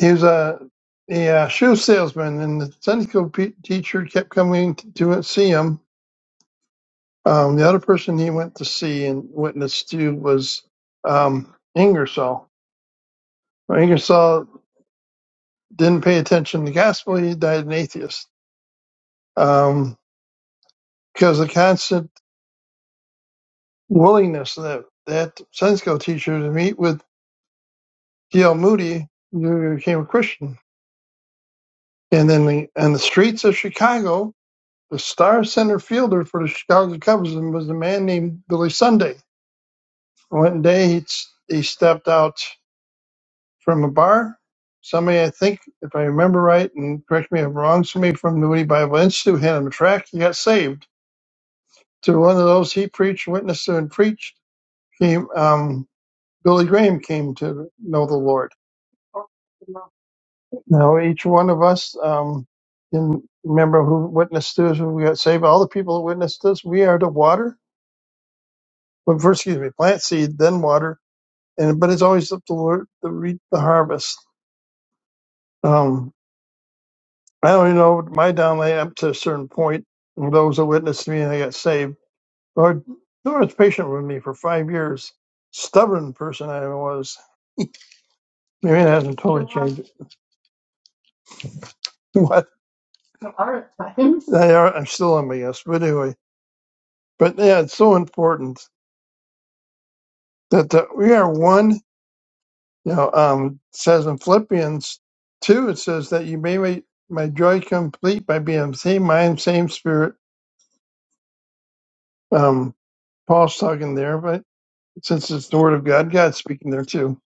E: He was a, a, uh shoe salesman, and the Sunday school pe- teacher kept coming to, to see him. Um, the other person he went to see and witnessed to was um, Ingersoll. Well, Ingersoll didn't pay attention to the gospel. He died an atheist um, because the constant willingness that that Sunday school teacher to meet with D.L. Moody, you became a Christian. And then the, on the streets of Chicago, The star center fielder for the Chicago Cubs was a man named Billy Sunday. One day he, he stepped out from a bar. Somebody, I think, if I remember right, and correct me if I'm wrong, somebody from the Moody Bible Institute handed him a track. He got saved. To one of those he preached, witnessed to, and preached, came um, Billy Graham came to know the Lord. Now each one of us um, can remember who witnessed to us, who we got saved. All the people who witnessed to us, we are the water. But first, excuse me, plant seed, then water, and but it's always up to the Lord to reap the harvest. Um, I don't even know my down lay up to a certain point. Those that witnessed me and I got saved. Lord, the Lord was patient with me for five years. Stubborn person I was. Maybe it hasn't totally changed. What? There are times. They are. I'm still in my yes, but anyway. But yeah, it's so important that uh we are one. You know, um, it says in Philippians two, it says that you may make my joy complete by being same mind, same spirit Um, Paul's talking there, but since it's the word of God, God's speaking there too.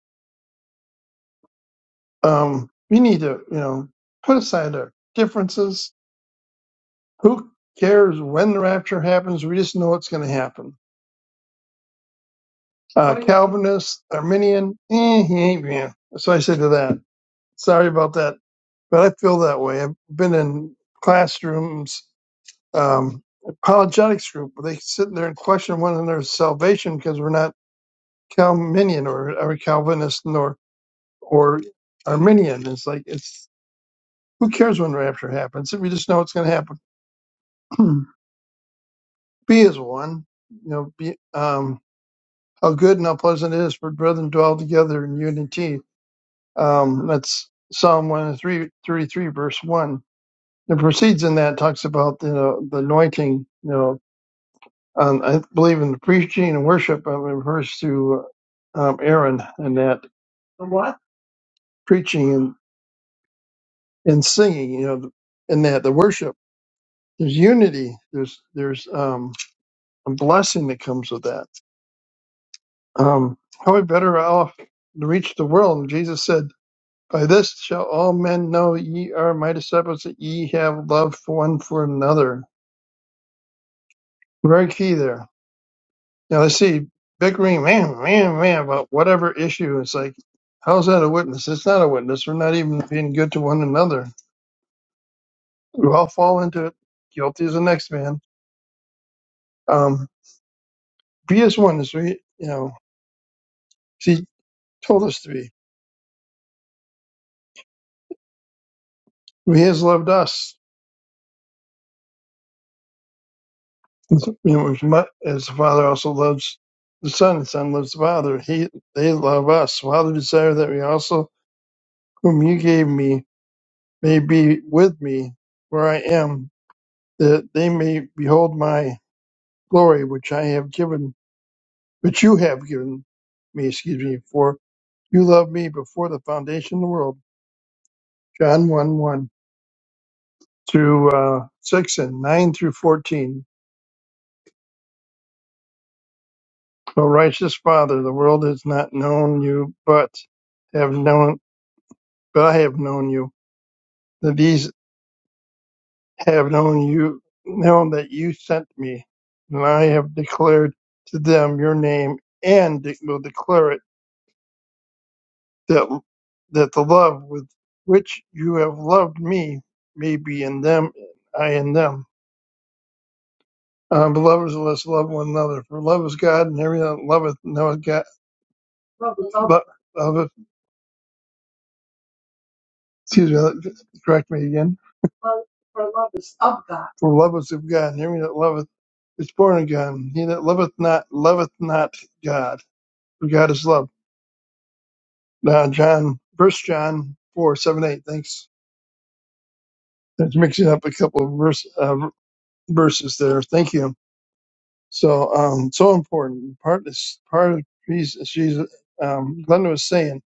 E: Um, we need to, you know, put aside our differences. Who cares when the rapture happens? We just know it's going to happen. Uh, Calvinist, Arminian, eh, he ain't man. That's what I say to that. Sorry about that, but I feel that way. I've been in classrooms, um, apologetics group, where they sit there and question one another's salvation because we're not Calvinian or, or Calvinist or Arminian. It's like it's who cares when rapture happens? if We just know it's going to happen. be as one, you know. Be um, how good and how pleasant it is for brethren to dwell together in unity. Um, that's Psalm one three three three verse one. It proceeds in that talks about you know the anointing. You know, um, I believe in the preaching and worship. It refers to um, Aaron and that preaching and, and singing. You know, in that the worship. there's unity there's there's um a blessing that comes with that um how we better off to reach the world and jesus said by this shall all men know ye are my disciples that ye have love for one for another very key there now let's see bickering man man man about whatever issue it's like how's that a witness it's not a witness we're not even being good to one another we all fall into it guilty as the next man um be as one as we you know see told us to be Well, He has loved us, as, you know, as the Father also loves the Son. The Son loves the Father. He, they love us. Father, desire that we also, whom you gave me, may be with me where I am, that they may behold my glory, which I have given, which you have given me, excuse me, for you loved me before the foundation of the world. John 1 1 through uh, 6 and 9 through 14. O righteous Father, the world has not known you, but have known, but I have known you. That these have known you, known that you sent me, and I have declared to them your name, and de- will declare it that that the love with which you have loved me may be in them, I in them. Uh, beloved, let us love one another. For love is God, and every that loveth knoweth God. Love, love, excuse me, correct me again For love is of God, and every that loveth is born of God. He that loveth not loveth not God, for God is love. Now John, First John four seven eight. Thanks. That's mixing up a couple of verse, uh, verses there. Thank you. So um, so important. Part is part of Jesus. Jesus. Um, Glenda was saying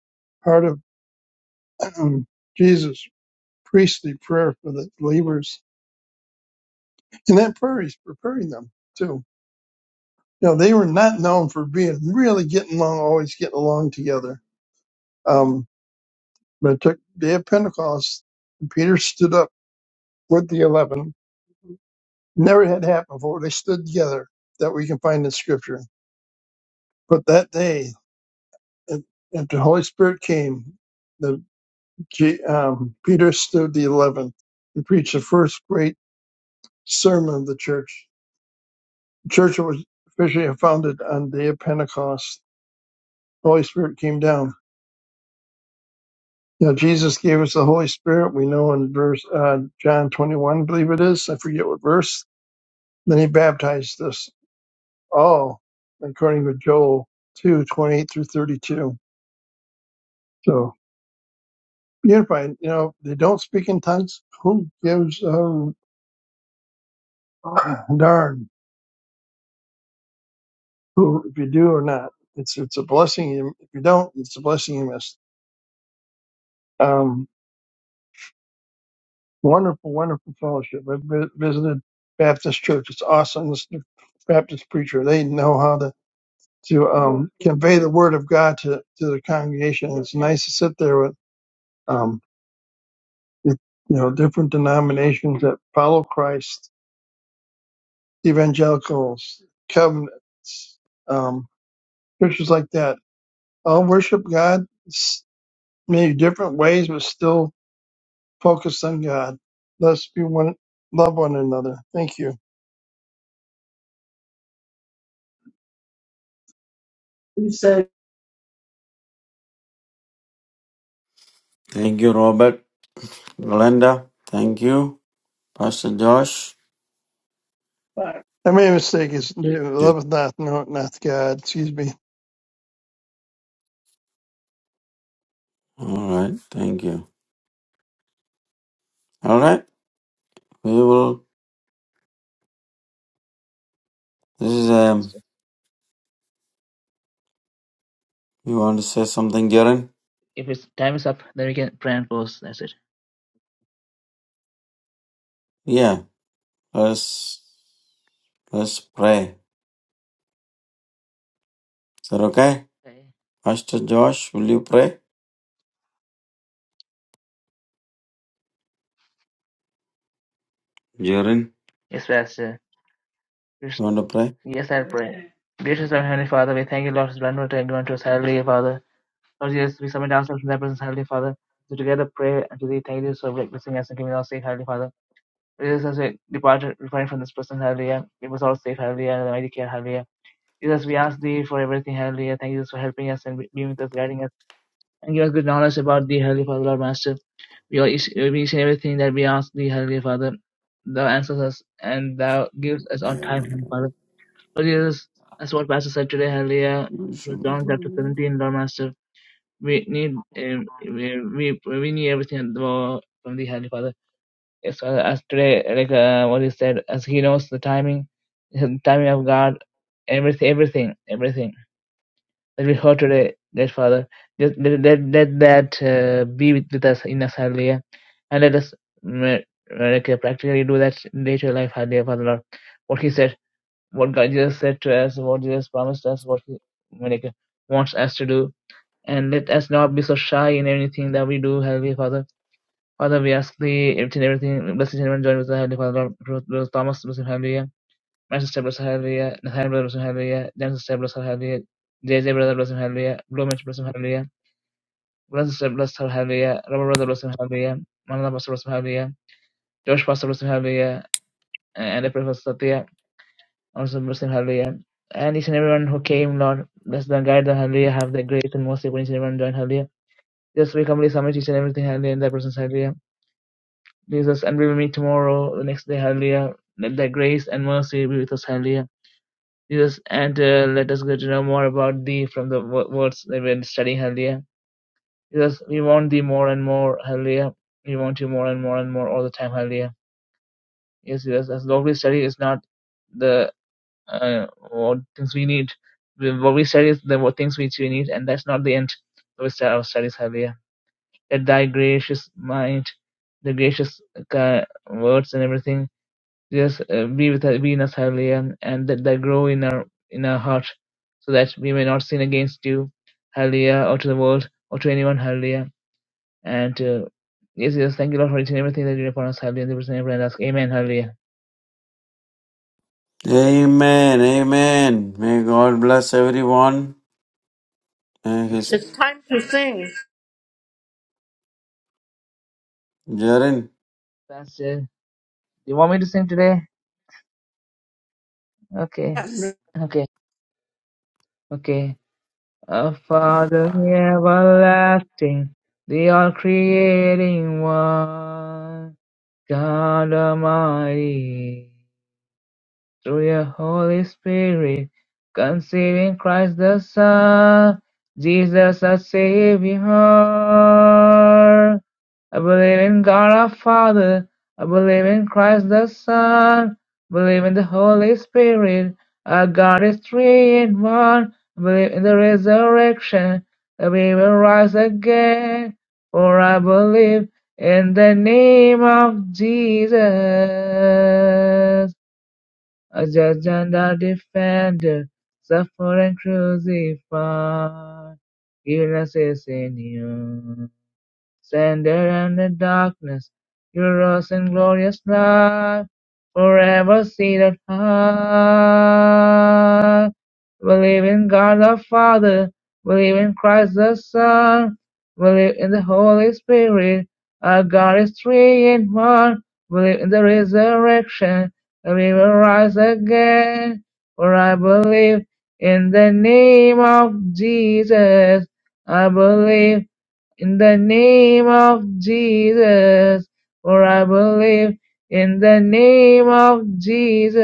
E: part of um, Jesus' priestly prayer for the believers, and that prayer is preparing them too you know, they were not known for being really getting along, always getting along together. Um, but it took the day of Pentecost, and Peter stood up with the eleven. Never had happened before. They stood together that we can find in Scripture. But that day, if if the Holy Spirit came, the G- um, Peter stood the eleven and preached the first great sermon of the church. The church was officially founded on the day of Pentecost. Holy Spirit came down Now, Jesus gave us the Holy Spirit. We know in verse uh, John 21, I believe it is. I forget what verse. Then he baptized us all, according to Joel 2:28 through 32. So, unified, you know, they don't speak in tongues. Who gives a darn who, if you do or not? It's it's a blessing. you- If you don't, it's a blessing you missed. Um, wonderful, wonderful fellowship. I've vi- visited Baptist church. It's awesome. This Baptist preacher. They know how to to um, convey the word of God to, to the congregation. It's nice to sit there with um, you know different denominations that follow Christ, evangelicals, covenants, um, churches like that. All worship God s- many different ways, but still focused on God. Let's be one, love one another. Thank you.
B: Thank you, Robert. Glenda, thank you. Pastor Josh.
E: I made a mistake. It's loveth not, no, not God. Excuse me.
B: All right. Thank you. All right. We will. This is um.
A: Pastor.
B: You want to say something, Jaren?
A: If it's time is up, then we can pray and pause. That's it.
B: Yeah, let's let's pray. Is that okay?
A: Okay.
B: Pastor Josh, will you pray? Jaren,
A: Yes, Pastor. Yes,
B: you want to pray?
A: yes, I'll pray. Gracious our Heavenly Father, we thank you, Lord, for blessing everyone to us. Hallelujah, Father. Lord Jesus, we submit ourselves to thy presence, Heavenly Father, to together pray and to thee thank you for blessing us and giving us safe, Heavenly Father. Jesus, as we departed, refrain from this presence, Hallelujah. Give us all safe, Hallelujah, and the mighty care, Hallelujah. Jesus, we ask thee for everything, Hallelujah. Thank you Jesus, for helping us and being with us, guiding us, and give us good knowledge about thee, Heavenly Father, Lord Master. We all each, each and everything that we ask thee, Heavenly Father. Thou answers us and thou gives us on time, Heavenly
B: Amen.
A: Father. Lord Jesus, as what Pastor said today, Hallelujah, from John chapter 17, Lord Master we need um, we, we we need everything Lord, from the Heavenly Father. As well as today, like uh, what he said, as he knows the timing, the timing of God, everything, everything, everything that we heard today, dear Father, just let let, let that uh, be with, with us in us, Hallelujah, and let us mm, uh, like uh, practically do that in day to life, Hallelujah, Father Lord. What he said, what God just said to us, what Jesus promised us, what he like, uh, wants us to do and let us not be so shy in anything that we do, Heavenly Father. Father, we ask thee, if in everything, blessed each and everyone join with the Heavenly Father, Lord, Ruth, Ruth Thomas, blessed Hallelujah, my sister, blessed Hallelujah, Nathaniel, brother, blessed Hallelujah, Jan sister, blessed Hallelujah, JJ, brother, blessed Hallelujah, Blue Mitch, blessed Hallelujah, Blessed sister, blessed Hallelujah, Robert, brother, blessed Hallelujah, Manala, pastor, blessed Hallelujah, Josh, pastor, blessed Hallelujah, and I pray for Satya, also blessed Hallelujah. And each and everyone who came, Lord, bless them, guide them, Hallelujah, have the grace and mercy upon each and everyone join, Hallelujah. Just become Hallelujah, submit each and everything, Hallelujah, in thy presence, Hallelujah. Jesus, and we will meet tomorrow, the next day, Hallelujah. Let thy grace and mercy be with us, Hallelujah. Jesus, and uh, let us get to know more about thee from the words that we're studying, Hallelujah. Jesus, we want thee more and more, Hallelujah. We want you more and more and more all the time, Hallelujah. Yes, yes, as long we study is not the uh, what things we need. What we study is the what things which we need, and that's not the end of our our studies, Hallelujah. at thy gracious might, the gracious ki- words and everything. just uh, be with us, be in us, hallelujah, and that thy grow in our in our heart, so that we may not sin against you, hallelujah, or to the world, or to anyone, hallelujah. And uh, yes, yes, thank you, Lord, for each and everything that you do upon us, hallelujah. In the person and ask, Amen, hallelujah.
B: Amen. Amen. May God bless everyone. And his
D: It's time to sing.
B: Jaren.
A: Pastor, do you want me to sing today? Okay,
D: Yes.
A: okay, okay. Our Father everlasting, the all creating one. God Almighty through your Holy Spirit, conceiving Christ the Son, Jesus our Savior. I believe in God our Father. I believe in Christ the Son. I believe in the Holy Spirit. Our God is three in one. I believe in the resurrection that we will rise again. For I believe in the name of Jesus. A judge and a defender, suffer and crucify illnesses in you. Stand there in the darkness, your rose and glorious light, forever seated high. Believe in God the Father, believe in Christ the Son, believe in the Holy Spirit, our God is three in one. Believe in the resurrection, and we will rise again. For I believe in the name of Jesus. I believe in the name of Jesus, for I believe in the name of Jesus,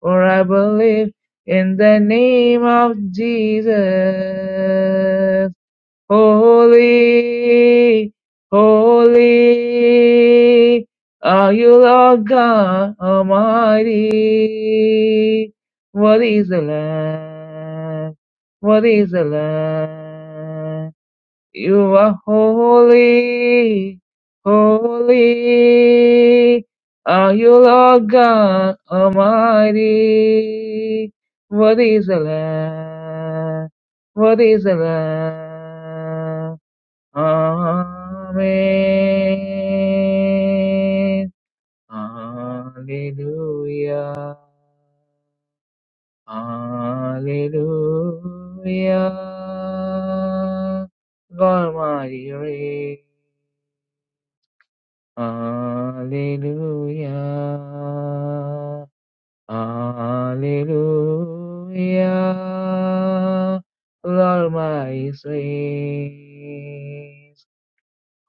A: for I believe in the name of Jesus. Holy, holy are you, Lord God Almighty. What is the Lamb? What is the Lamb? You are holy, holy. Are you Lord God Almighty? What is the Lamb? What is the Lamb? Amen. Hallelujah. Hallelujah. God mighty reign. Hallelujah. Hallelujah. Lord my reign.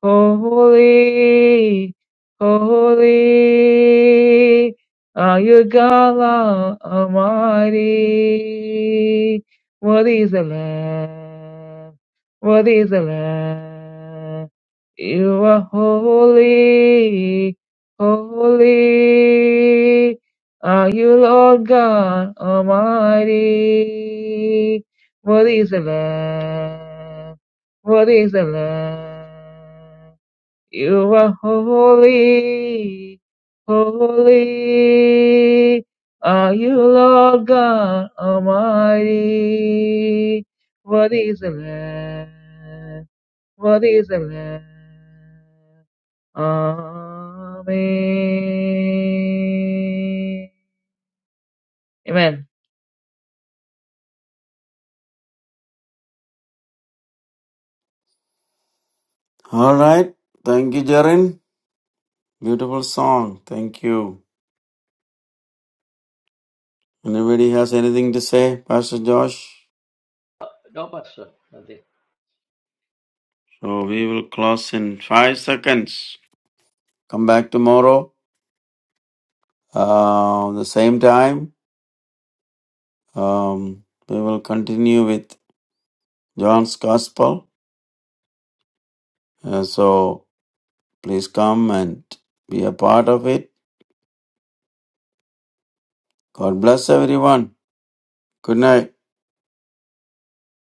A: Holy, holy are you, God Almighty. Worthy is the Lamb, worthy is the Lamb. You are holy, holy are you, Lord God Almighty. Worthy is the Lamb. What is the love? You are holy, holy. Are you Lord God Almighty? What is the love? What is the love? Amen. Amen.
B: All right. Thank you, Jaren. Beautiful song. Thank you. Anybody has anything to say, Pastor Josh?
C: No, Pastor. Nothing.
B: So we will close in five seconds. Come back tomorrow, uh, the same time. Um, we will continue with John's Gospel. Uh, so please come and be a part of it. God bless everyone. Good night.